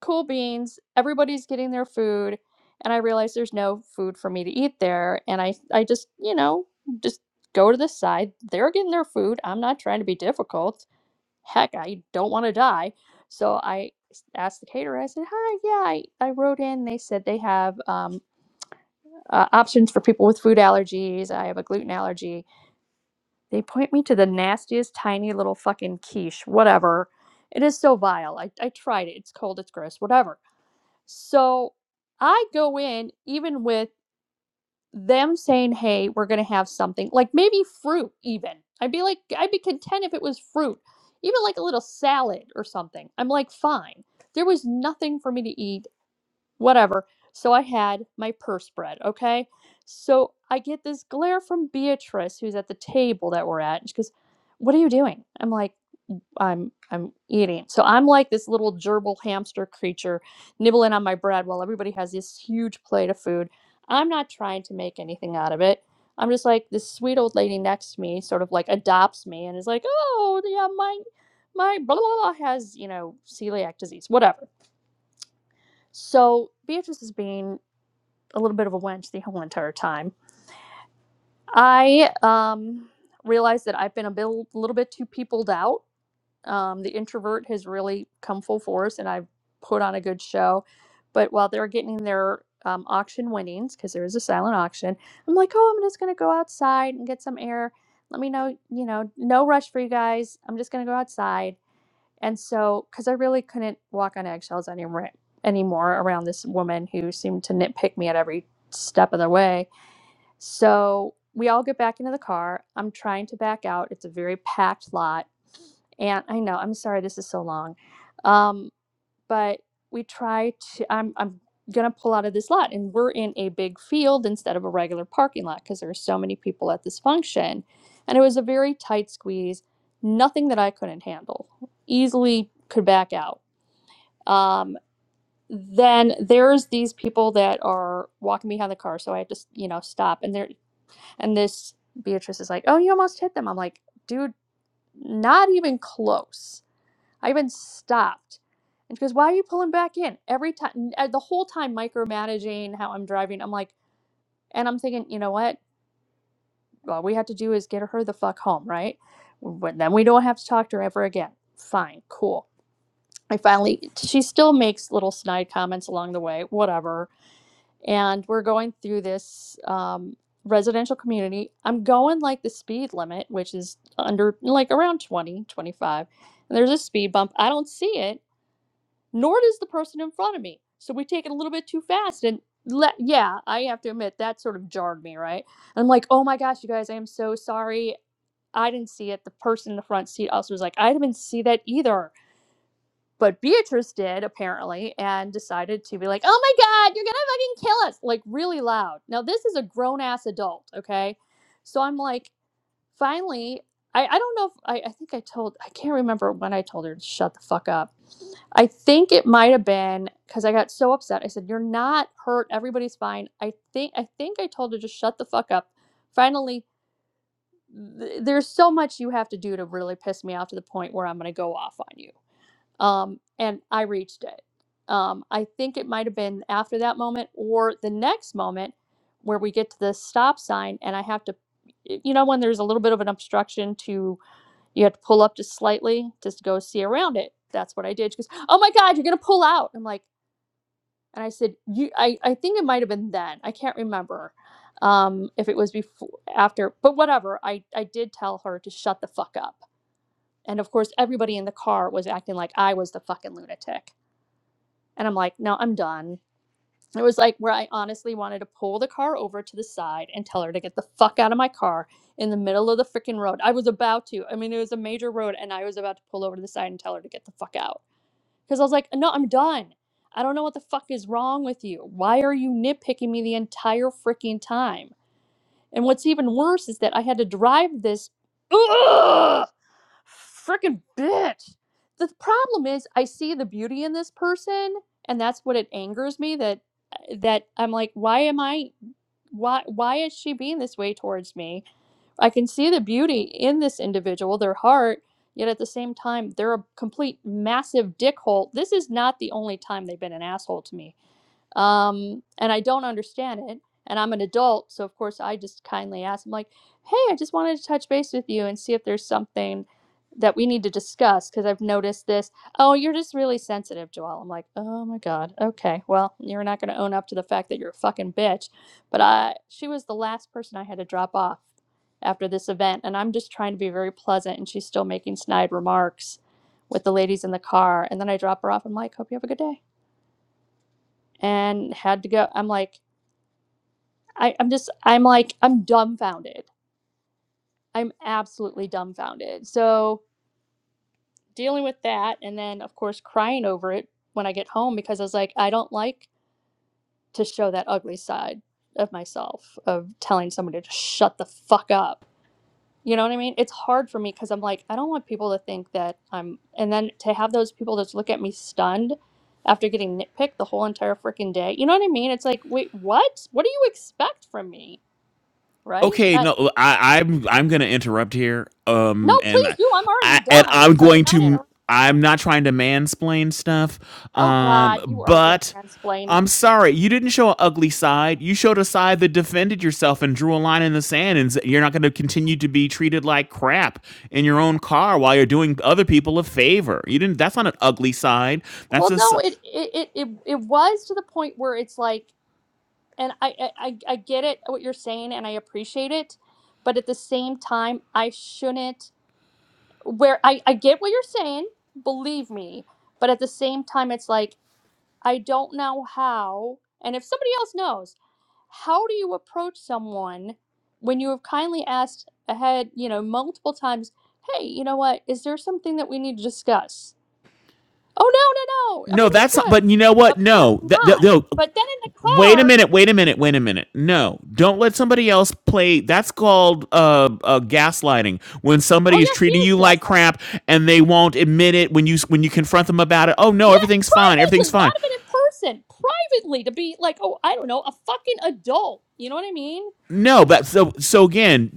cool beans. Everybody's getting their food, and I realize there's no food for me to eat there. And I, I just, you know, just go to the side. They're getting their food. I'm not trying to be difficult. Heck, I don't want to die. So I s- asked the caterer. I said, "Hi, yeah, I, I wrote in. They said they have um, uh, options for people with food allergies. I have a gluten allergy." They point me to the nastiest tiny little fucking quiche, whatever. It is so vile. I, I tried it. It's cold. It's gross. Whatever so I go in even with them saying, "Hey, we're going to have something." Like maybe fruit even. I'd be like I'd be content if it was fruit. Even like a little salad or something. I'm like, "Fine." There was nothing for me to eat, whatever. So I had my purse bread, okay? So I get this glare from Beatrice who's at the table that we're at. And she goes, "What are you doing?" I'm like, I'm I'm eating. So I'm like this little gerbil hamster creature nibbling on my bread while everybody has this huge plate of food. I'm not trying to make anything out of it. I'm just like this sweet old lady next to me sort of like adopts me and is like, "Oh, yeah, my my blah blah blah has, you know, celiac disease, whatever." So Beatrice is being a little bit of a wench the whole entire time. I um realized that I've been a bil- little bit too peopled out Um, the introvert has really come full force, and I've put on a good show. But while they're getting their um, auction winnings, because there is a silent auction, I'm like, oh, I'm just going to go outside and get some air. Let me know, you know, no rush for you guys. I'm just going to go outside. And so, because I really couldn't walk on eggshells anymore, anymore around this woman who seemed to nitpick me at every step of the way so we all get back into the car. I'm trying to back out. It's a very packed lot. And I know, I'm sorry this is so long. Um, but we try to I'm I'm gonna pull out of this lot and we're in a big field instead of a regular parking lot because there are so many people at this function. And it was a very tight squeeze, nothing that I couldn't handle. Easily could back out. Um then there's these people that are walking behind the car so i had to you know stop and they're and this Beatrice is like, Oh, you almost hit them. I'm like, Dude, not even close. I even stopped. And she goes, Why are you pulling back in? Every time, the whole time micromanaging how I'm driving, I'm like, And I'm thinking, you know what? All we have to do is get her the fuck home, right? But then we don't have to talk to her ever again. Fine, cool. I finally, she still makes little snide comments along the way, whatever and we're going through this um, residential community. I'm going like the speed limit, which is under like around 20, 25. And there's a speed bump. I don't see it, nor does the person in front of me. So we take it a little bit too fast. And let, yeah, I have to admit that sort of jarred me, right? I'm like, oh my gosh, you guys, I am so sorry. I didn't see it. The person in the front seat also was like, I didn't see that either. But Beatrice did apparently and decided to be like, "Oh my god, you're going to fucking kill us." Like really loud. Now this is a grown ass adult, okay? So I'm like, finally, I, I don't know if I, I think I told I can't remember when I told her to shut the fuck up. I think it might have been because I got so upset. I said, "You're not hurt. Everybody's fine." I think I think I told her to shut the fuck up. Finally, th- there's so much you have to do to really piss me off to the point where I'm going to go off on you um, and I reached it. Um, I think it might have been after that moment or the next moment where we get to the stop sign and I have to, you know, when there's a little bit of an obstruction to, you have to pull up just slightly just to go see around it. That's what I did. She goes, "Oh my God, you're gonna pull out!" I'm like, and I said, "You, I, I think it might have been then. I can't remember um, if it was before, after, but whatever. I, I did tell her to shut the fuck up." And of course, everybody in the car was acting like I was the fucking lunatic and I'm like, no, I'm done. It was like where I honestly wanted to pull the car over to the side and tell her to get the fuck out of my car in the middle of the freaking road. I was about to. I mean, it was a major road and I was about to pull over to the side and tell her to get the fuck out. Because I was like, no, I'm done. I don't know what the fuck is wrong with you. Why are you nitpicking me the entire freaking time? And what's even worse is that I had to drive this freaking bitch. The problem is I see the beauty in this person and that's what it angers me that uh, that I'm like why am I why why is she being this way towards me? I can see the beauty in this individual, their heart, yet at the same time they're a complete massive dickhole. This is not the only time they've been an asshole to me um, and I don't understand it. And I'm an adult, so of course I just kindly ask. I'm like, "Hey, I just wanted to touch base with you and see if there's something that we need to discuss because I've noticed this. Oh, you're just really sensitive, Joelle. I'm like, "Oh my God, okay. Well, you're not going to own up to the fact that you're a fucking bitch." But I, she was the last person I had to drop off after this event, and I'm just trying to be very pleasant, and she's still making snide remarks with the ladies in the car. And then I drop her off. I'm like, "Hope you have a good day." and had to go. I'm like, I, I'm just, I'm like, I'm dumbfounded. I'm absolutely dumbfounded. So dealing with that, and then of course crying over it when I get home because I was like, I don't like to show that ugly side of myself of telling somebody to shut the fuck up. You know what I mean? It's hard for me because I'm like, I don't want people to think that I'm, and then to have those people just look at me stunned after getting nitpicked the whole entire freaking day. You know what I mean? It's like, wait, what? What do you expect from me? right? Okay, Uh, no, I, I'm I'm gonna interrupt here. no, Um, and please I, do. I'm already I and done. I'm So you're going not in to. a. I'm not trying to mansplain stuff. Oh Um, God, you are gonna but mansplain. I'm sorry, you didn't show an ugly side. You showed a side that defended yourself and drew a line in the sand, and s- you're not going to continue to be treated like crap in your own car while you're doing other people a favor. You didn't. That's not an ugly side. That's a. Well, s- no, it it it it, it was to the point where it's like, and I, I I I get it what you're saying, and I appreciate it, but at the same time, I shouldn't. Where I I get what you're saying, believe me, but at the same time, it's like I don't know how, and if somebody else knows. how do you approach someone when you have kindly asked ahead, you know, multiple times, hey, you know what, is there something that we need to discuss? Oh, no, no, no, No, everything's that's not. But good. you know what? No, Apparently that, that- not. no. But then in the Wait a car, minute. Wait a minute. Wait a minute. No, don't let somebody else play. That's called uh, uh, gaslighting. When oh, somebody is yeah, she treating is you like gaslighting. crap and they won't admit it when you when you confront them about it. Oh no, Yeah, everything's fine. Everything's privately, fine. not even in person, privately to be like, oh, I don't know, a fucking adult. You know what I mean? No, but so so again,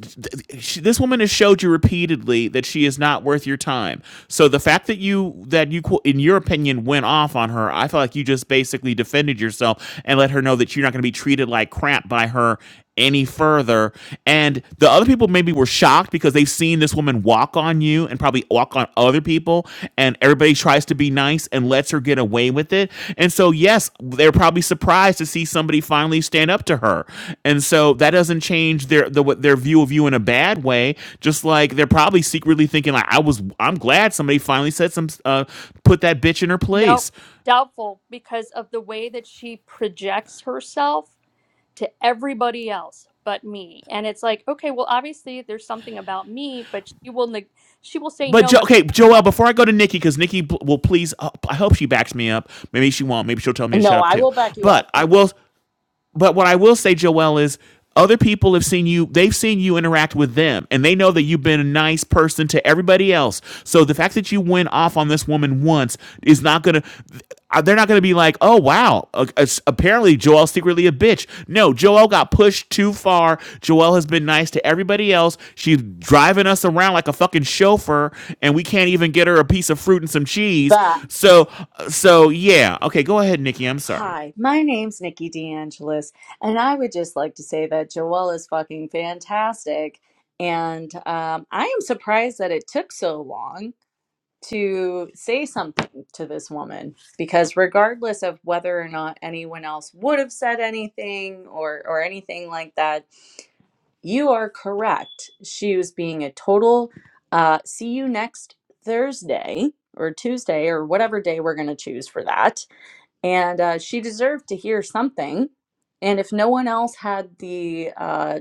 she, this woman has showed you repeatedly that she is not worth your time. So the fact that you that you in your opinion went off on her, I feel like you just basically defended yourself and let her know that you're not going to be treated like crap by her any further. And the other people maybe were shocked because they've seen this woman walk on you and probably walk on other people and everybody tries to be nice and lets her get away with it and so yes they're probably surprised to see somebody finally stand up to her and so that doesn't change their the, their view of you in a bad way just like they're probably secretly thinking like i was i'm glad somebody finally said some uh put that bitch in her Nope, place doubtful because of the way that she projects herself to everybody else but me and it's like okay well obviously there's something about me but she will neg- she will say but no jo- but okay, i have to Joelle, walk out. Before I go to Nikki, because Nikki will please. uh, I hope she backs me up. Maybe she won't. Maybe she'll tell me to shut No, up I too. will back you up. But I will. but what I will say, Joelle, is other people have seen you, they've seen you interact with them, and they know that you've been a nice person to everybody else. So the fact that you went off on this woman once is not going to, they're not going to be like, oh, wow, a- a- apparently Joel's secretly a bitch. No, Joelle got pushed too far. Joelle has been nice to everybody else. She's driving us around like a fucking chauffeur, and we can't even get her a piece of fruit and some cheese. Facts. So, uh, so yeah. Okay, go ahead, Nikki. I'm sorry. Hi, my name's Nikki DeAngelis, and I would just like to say that Joelle is fucking fantastic. And um, I am surprised that it took so long to say something to this woman because, regardless of whether or not anyone else would have said anything or, or anything like that, You are correct. She was being a total uh, see you next Thursday or Tuesday or whatever day we're going to choose for that. And uh, she deserved to hear something. And if no one else had the uh,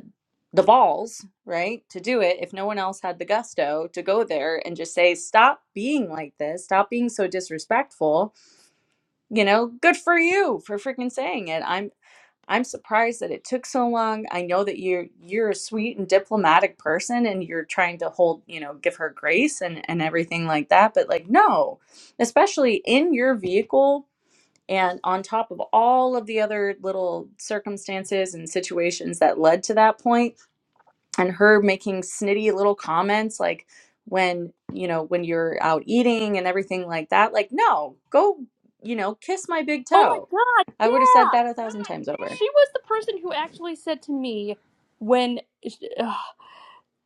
the balls, right, to do it, if no one else had the gusto to go there and just say, "Stop being like this. Stop being so disrespectful," you know, good for you for freaking saying it. I'm. I'm surprised that it took so long. I know that you're you're a sweet and diplomatic person and you're trying to hold, you know, give her grace and and everything like that, but like no, especially in your vehicle and on top of all of the other little circumstances and situations that led to that point and her making snitty little comments like when, you know, when you're out eating and everything like that, like no, go, you know, kiss my big oh my toe. god I would have said yeah that a thousand times over. she was the person who actually said to me when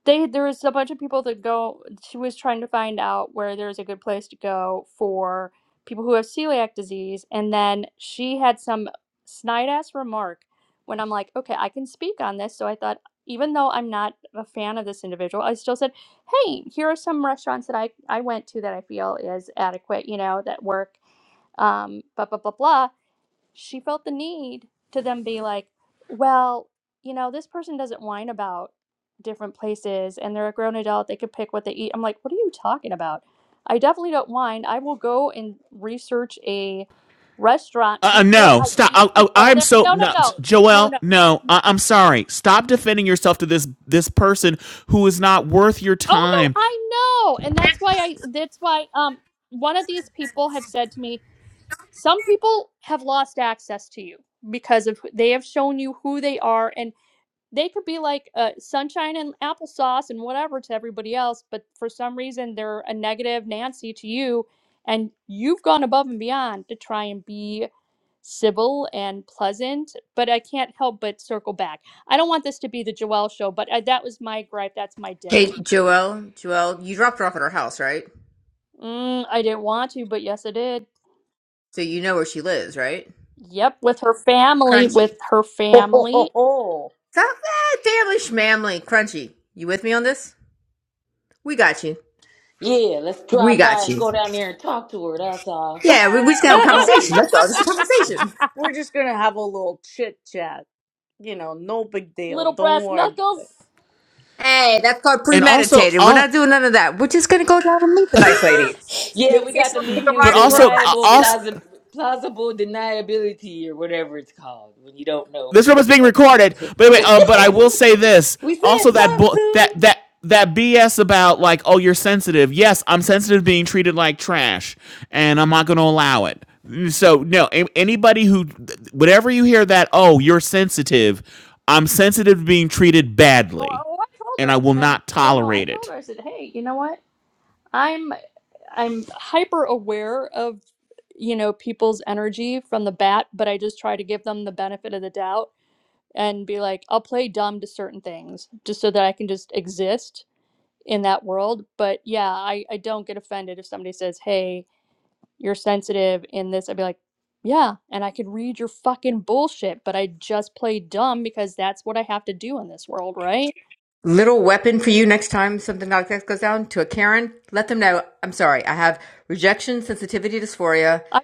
they there was a bunch of people that go she was trying to find out where there's a good place to go for people who have celiac disease and then she had some snide ass remark when i'm like okay i can speak on this so i thought even though i'm not a fan of this individual i still said hey here are some restaurants that i i went to that i feel is adequate you know that work um blah blah blah blah she felt the need to then be like, well, you know, this person doesn't whine about different places and they're a grown adult. They could pick what they eat. I'm like, what are you talking about? I definitely don't whine. I will go and research a restaurant Uh, uh, before no, I No. stop. I, even I, go I'm there. so No, no, no, no. No, Joelle. no. No, No. I, I'm sorry. Stop defending yourself to this this person who is not worth your Oh time, no, I know. And that's why I that's why um one of these people have said to me, some people have lost access to you because of who- they have shown you who they are and. they could be like uh, sunshine and applesauce and whatever to everybody else, but for some reason they're a negative Nancy to you, and you've gone above and beyond to try and be civil and pleasant. But I can't help but circle back. I don't want this to be the Joelle show, but I, that was my gripe. That's my dick. Hey, Joelle, Joelle, you dropped her off at her house, right? Mm, I didn't want to, but yes, I did. So you know where she lives, right? Yep, with her family, with Crunchy. her Ho, ho, family, ho, ho. Stop that family schmamly. Crunchy, you with me on this? We got you. yeah, let's We drive by got and you. go down there and talk to her. That's all. Yeah, we, we just We gonna need have to a talk conversation. to her. That's all. Just a conversation. We're just gonna have a little chit chat. You know, no big deal. little Don't brass worry about knuckles. Hey, that's called and also, premeditated. We're uh, not doing none of that. We're just gonna go down and meet the nice lady. Yeah, Maybe we see if got she to wants to take leave a you but ride with one of also, uh, us, deniable, you know? also, plausi- plausible deniability or whatever it's called when you don't know. this room is being recorded. But anyway, um, but I will say this. we said Also, that talk bu- that to. that that BS about like, oh, you're sensitive. Yes, I'm sensitive, being treated like trash, and I'm not going to allow it. So no, a- anybody who, whatever you hear that, oh, you're sensitive. I'm sensitive to being treated Oh, badly, oh I told her. and I will I said, not "Oh no," I tolerate told it. her. I said, "Hey, you know what? I'm I'm hyper aware of you know people's energy from the bat, but I just try to give them the benefit of the doubt and be like, I'll play dumb to certain things just so that I can just exist in that world. But yeah, I, I don't get offended if somebody says, Hey, you're sensitive in this. I'd be like, Yeah, and I could read your fucking bullshit, but I just play dumb because that's what I have to do in this world, right? little weapon for you next time something like that goes down to a Karen. Let them know. I'm sorry. I have rejection sensitivity dysphoria, I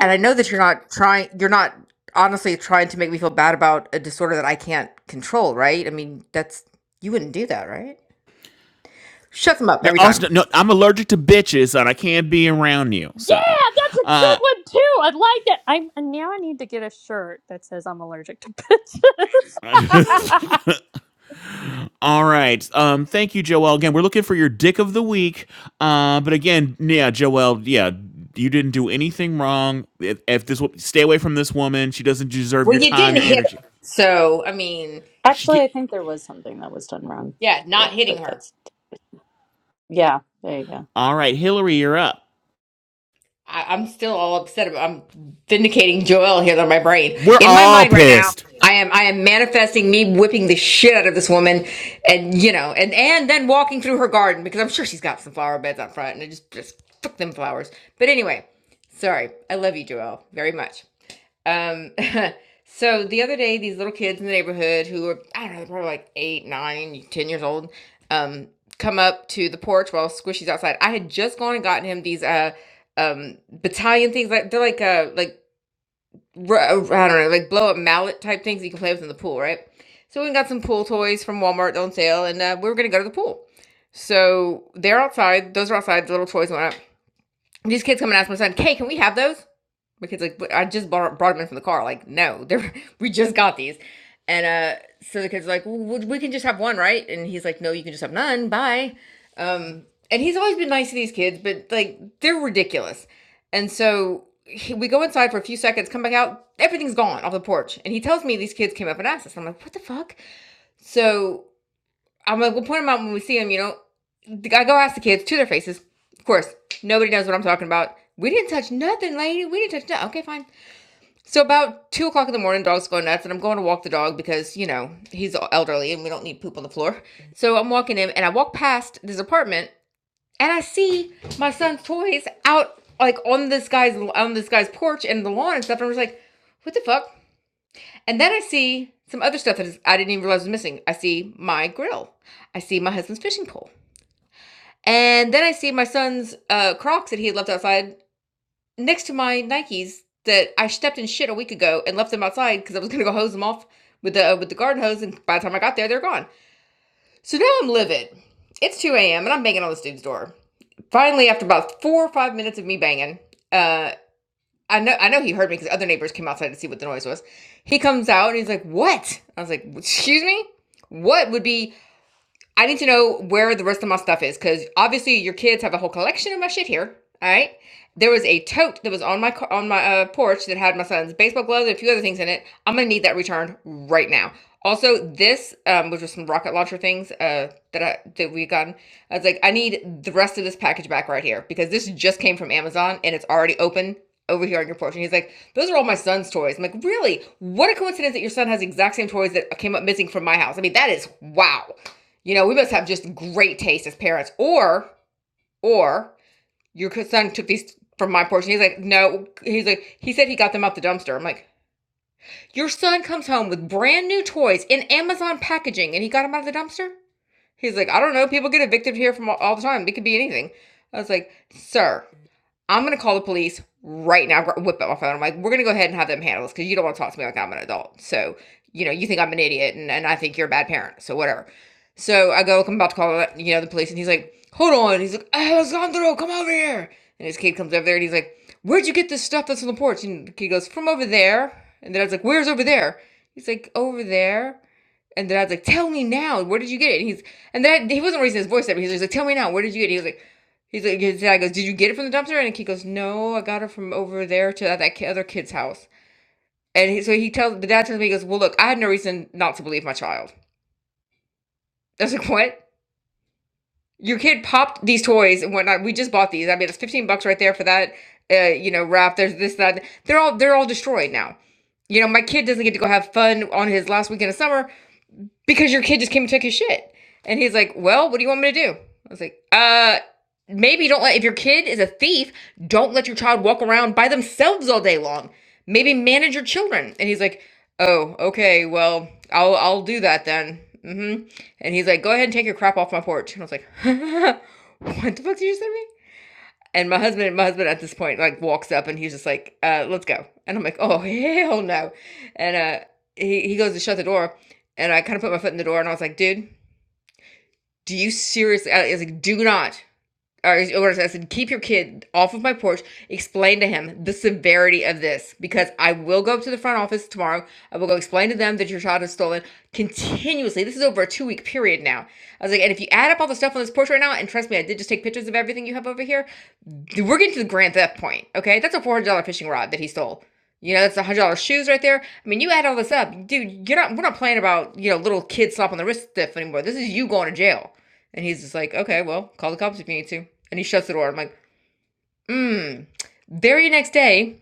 and I know that you're not trying. You're not honestly trying to make me feel bad about a disorder that I can't control. Right? I mean, that's you wouldn't do that, right? Shut them up No, every also time. no, I'm allergic to bitches, and I can't be around you. Yeah, So that's a good yeah, one too. I like that. I'm and now I need to get a shirt that says I'm allergic to bitches. uh, All right. Um, thank you, Joelle. Again, we're looking for your dick of the week. Uh, but again, yeah, Joelle. yeah, you didn't do anything wrong. If, if this wo- stay away from this woman, she doesn't deserve Well, your you time, didn't your hit energy. her. So I mean, it. She Actually, get, I think there was something that was done wrong, yeah, but not hitting but her. that's yeah. There you go. all right, Hillary, you're up. I, I'm still all upset about I'm vindicating Joel here on my brain. We're In my all mind right now, pissed. I am I am manifesting me whipping the shit out of this woman and you know, and and then walking through her garden because I'm sure she's got some flower beds out front and I just just fuck them flowers. But anyway, sorry. I love you, Joel, very much. Um, so the other day, these little kids in the neighborhood who are, I don't know, they're probably like eight, nine, ten years old, um, come up to the porch while Squishy's outside. I had just gone and gotten him these uh um battalion things like they're like uh like ru- uh, I don't know, like blow up mallet type things you can play with in the pool, right? So we got some pool toys from Walmart on sale, and uh, we were gonna go to the pool. So they're outside; those are outside. The little toys went up. These kids come and ask my son, "Hey, can we have those?" My kid's like, but I just brought, brought them in from the car. Like, no, they're, we just got these. And uh, so the kid's like, well, we we can just have one, right? And he's like, no, you can just have none. Bye. Um, and he's always been nice to these kids, but like, they're ridiculous. And so he, we go inside for a few seconds, come back out, everything's gone off the porch. And he tells me these kids came up and asked us. I'm like, what the fuck? So I'm like, we'll point them out when we see them, you know. I go ask the kids to their faces. Of course, nobody knows what I'm talking about. We didn't touch nothing, lady. We didn't touch nothing. Okay, fine. So about two o'clock in the morning, dog's go nuts, and I'm going to walk the dog because you know he's elderly and we don't need poop on the floor. So I'm walking him, and I walk past this apartment, and I see my son's toys out like on this guy's on this guy's porch and the lawn and stuff. And I was like, "What the fuck?" And then I see some other stuff that is, I didn't even realize was missing. I see my grill, I see my husband's fishing pole, and then I see my son's uh, Crocs that he had left outside next to my Nikes that I stepped in shit a week ago and left them outside because I was gonna go hose them off with the uh, with the garden hose, and by the time I got there, they're gone. So now I'm livid. It's 2 a.m. and I'm banging on this dude's door. Finally, after about four or five minutes of me banging, uh, I know I know he heard me because other neighbors came outside to see what the noise was. He comes out and he's like, "What?" I was like, "Excuse me." What would be I need to know where the rest of my stuff is because obviously your kids have a whole collection of my shit here. All right. There was a tote that was on my on my uh, porch that had my son's baseball gloves and a few other things in it. I'm gonna need that returned right now. Also, this um, which was some rocket launcher things uh, that I, that we gotten. I was like, I need the rest of this package back right here because this just came from Amazon and it's already open over here on your porch. And he's like, those are all my son's toys. I'm like, really? What a coincidence that your son has the exact same toys that came up missing from my house. I mean, that is wow. You know, we must have just great taste as parents. Or, or your son took these from my portion. He's like, no. He's like, he said he got them out the dumpster. I'm like, your son comes home with brand new toys in Amazon packaging, and he got them out of the dumpster. He's like, I don't know. People get evicted here from all, all the time. It could be anything. I was like, sir, I'm gonna call the police right now. Whip out my phone. I'm like, we're gonna go ahead and have them handle this because you don't want to talk to me like I'm an adult. So you know, you think I'm an idiot and, and I think you're a bad parent. So whatever. So I go, I'm about to call you know the police, and he's like, hold on. He's like, hey, Alessandro, come over here. And his kid comes over there, and he's like, where'd you get this stuff that's on the porch? And the kid goes, from over there. And then I was like, where's over there? He's like, over there. And then I was like, "Tell me now, where did you get it?" And he's and then he wasn't raising his voice at me. He's just like, "Tell me now, where did you get it?" He was like, "He's like," his dad goes, "Did you get it from the dumpster?" And he goes, "No, I got it from over there to that, that other kid's house." And he, so he tells the dad tells me, he goes, "Well, look, I had no reason not to believe my child." I was like, "What? Your kid popped these toys and whatnot. We just bought these. I mean, it's fifteen bucks right there for that, uh, you know, wrap. There's this, that. They're all they're all destroyed now." You know, my kid doesn't get to go have fun on his last weekend of summer because your kid just came and took his shit. And he's like, well, what do you want me to do? I was like, uh, maybe don't let, if your kid is a thief, don't let your child walk around by themselves all day long. Maybe manage your children. And he's like, oh, okay, well, I'll, I'll do that then. hmm And he's like, go ahead and take your crap off my porch. And I was like, what the fuck did you say to me? And my husband, my husband at this point like walks up and he's just like, uh, "Let's go." And I'm like, "Oh hell no!" And uh, he he goes to shut the door, and I kind of put my foot in the door and I was like, "Dude, do you seriously?" I was like, "Do not or, or I said, keep your kid off of my porch. Explain to him the severity of this because I will go up to the front office tomorrow. I will go explain to them that your child is stolen continuously. This is over a two week period now. I was like, and if you add up all the stuff on this porch right now, and trust me, I did just take pictures of everything you have over here, we're getting to the grand theft point. Okay. That's a $400 fishing rod that he stole. You know, that's a hundred dollar shoes right there. I mean, you add all this up, dude. You're not. We're not playing about you know little kids slap on the wrist stuff anymore. This is you going to jail. And he's just like, okay, well, call the cops if you need to. And he shuts the door. I'm like, mmm. Very next day,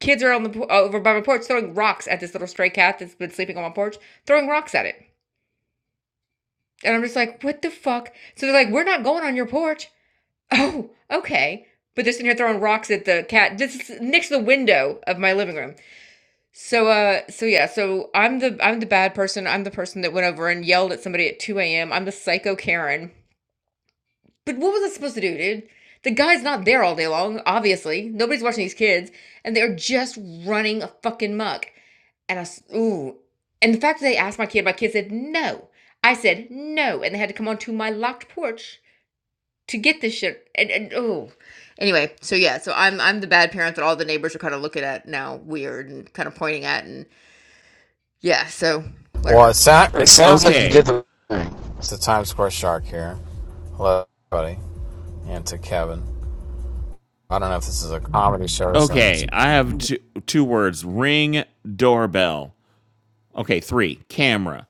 kids are on the over by my porch throwing rocks at this little stray cat that's been sleeping on my porch, throwing rocks at it. And I'm just like, what the fuck? So they're like, we're not going on your porch. Oh, okay. But they're sitting here throwing rocks at the cat just next to the window of my living room. So uh so yeah, so I'm the I'm the bad person. I'm the person that went over and yelled at somebody at 2 a.m. I'm the psycho Karen But what was I supposed to do, dude? The guy's not there all day long, obviously. Nobody's watching these kids, and they're just running a fucking muck. And I, s- ooh. And the fact that they asked my kid, my kid said no. I said no, and they had to come onto my locked porch to get this shit. And, and oh, anyway, so yeah, so I'm I'm the bad parent that all the neighbors are kind of looking at now, weird and kind of pointing at, and yeah, so Well, whatever. it, sound, it sounds like you did Okay, the right thing. It's the Times Square Shark here. Hello, everybody, and to Kevin. I don't know if this is a comedy show or okay. something. I have two, two words: ring doorbell. Okay, three camera.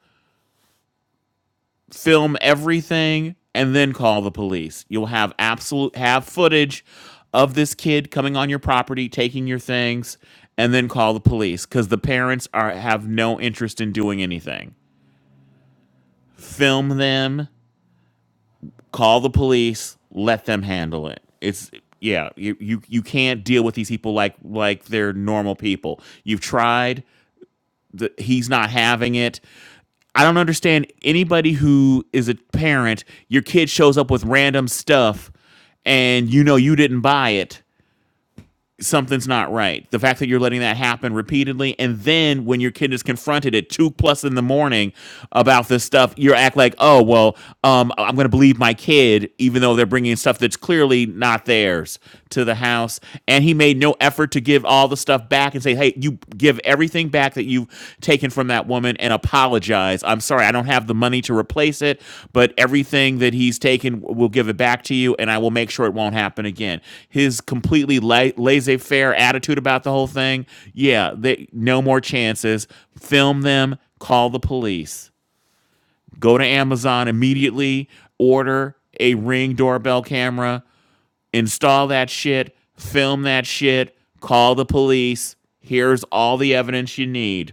film everything and then call the police. You'll have absolute have footage of this kid coming on your property, taking your things, and then call the police cuz the parents are have no interest in doing anything. Film them, call the police, let them handle it. It's yeah, you you, you can't deal with these people like like they're normal people. You've tried the, he's not having it. I don't understand anybody who is a parent. Your kid shows up with random stuff, and you know you didn't buy it. Something's not right. The fact that you're letting that happen repeatedly, and then when your kid is confronted at two plus in the morning about this stuff, you act like, "Oh well, um, I'm going to believe my kid," even though they're bringing stuff that's clearly not theirs to the house. And he made no effort to give all the stuff back and say, "Hey, you give everything." thing back that you've taken from that woman and apologize. I'm sorry, I don't have the money to replace it, but everything that he's taken, we'll give it back to you, and I will make sure it won't happen again. His completely la- laissez faire attitude about the whole thing, yeah, they, no more chances. Film them, call the police, go to Amazon immediately, order a ring doorbell camera, install that shit, film that shit, call the police. Here's all the evidence you need.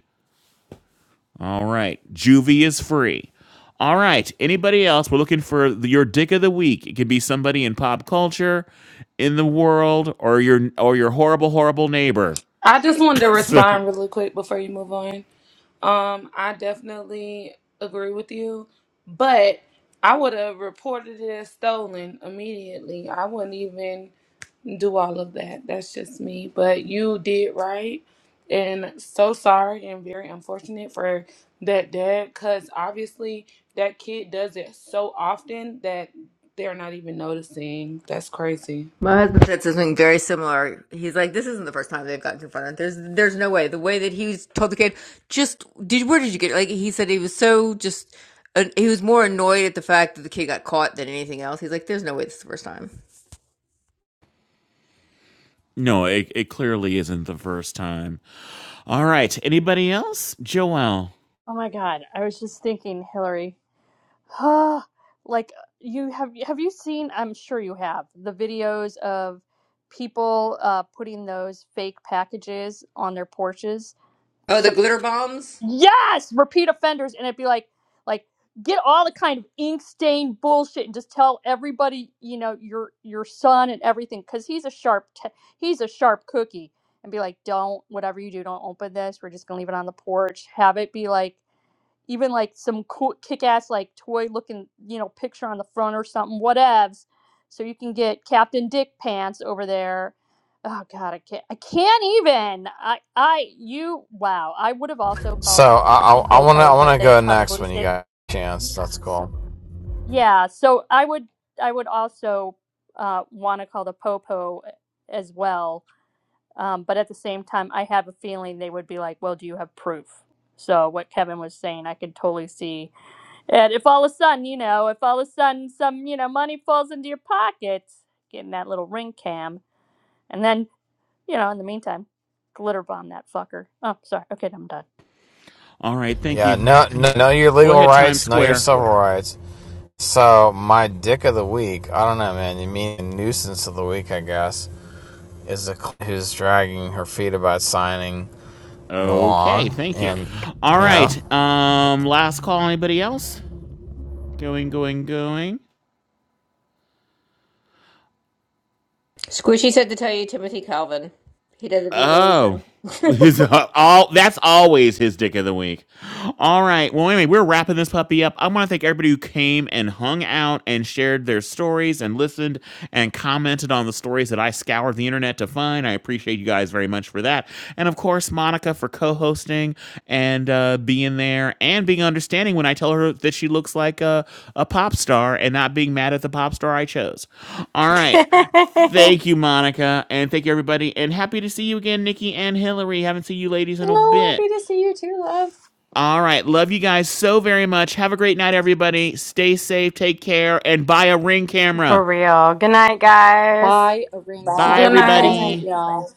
All right. Juvie is free. All right. Anybody else? We're looking for the, your dick of the week. It could be somebody in pop culture, in the world, or your or your horrible, horrible neighbor. I just wanted to So- respond really quick before you move on. Um, I definitely agree with you, but I would have reported it as stolen immediately. I wouldn't even do all of that. That's just me. But you did right. And so sorry and very unfortunate for that dad because obviously that kid does it so often that they're not even noticing. That's crazy. My husband said something very similar. He's like, "This isn't the first time they've gotten confronted. There's, there's no way. The way that he was told the kid, just did. Where did you get? it?" Like he said, he was so just. Uh, he was more annoyed at the fact that the kid got caught than anything else. He's like, "There's no way this is the first time." no, it, it clearly isn't the first time. All right. Anybody else? Joelle. oh my god, I was just thinking, Hillary. like you have have you seen? I'm sure you have the videos of people uh, putting those fake packages on their porches. Oh, So the glitter bombs. yes repeat offenders and it'd be like like get all the kind of ink stain bullshit and just tell everybody you know your your son and everything because he's a sharp t- he's a sharp cookie and be like don't whatever you do don't open this we're just gonna leave it on the porch have it be like even like some cool kick-ass like toy looking you know picture on the front or something whatevs so you can get captain dick pants over there oh god i can't i can't even i i you wow i would have also called So I the I I want to I popo want but to go they'd next probably when you say got a chance. That's cool. yeah so i would i would also uh, want to call the popo eh, as well um, but at the same time i have a feeling they would be like well do you have proof so what kevin was saying i could totally see and if all of a sudden, you know, if all of a sudden some, you know, money falls into your pocket, getting that little ring cam, and then, you know, in the meantime, glitter bomb that fucker. Oh, sorry. Okay, I'm done. All right. Thank Yeah, you. no, no, know your Go legal ahead, Times rights, know your Square. civil rights. So my dick of the week, I don't know, man. You mean nuisance of the week, I guess, is the who's dragging her feet about signing Okay. along, Thank you. and you All right. know. Um. Last call. Anybody else? Going, going, going. Squishy said to tell you Timothy Calvin. He did it for the Oh, reason. his uh, all that's always his dick of the week. All right. Well, anyway, we're wrapping this puppy up. I want to thank everybody who came and hung out and shared their stories and listened and commented on the stories that I scoured the internet to find. I appreciate you guys very much for that. And of course, Monica for co-hosting and uh, being there and being understanding when I tell her that she looks like a, a pop star and not being mad at the pop star I chose. All right. Thank you, Monica, and thank you everybody, and happy to see you again, Nikki and Hillary. Haven't seen you ladies in a No, happy bit. to see you too, love. All right, love you guys so very much. Have a great night, everybody. Stay safe, take care, and buy a ring For camera. real. Good night, guys. Bye, a ring Bye. Bye, Good Bye, camera. Good guys. night. night, everybody. y'all. Bye.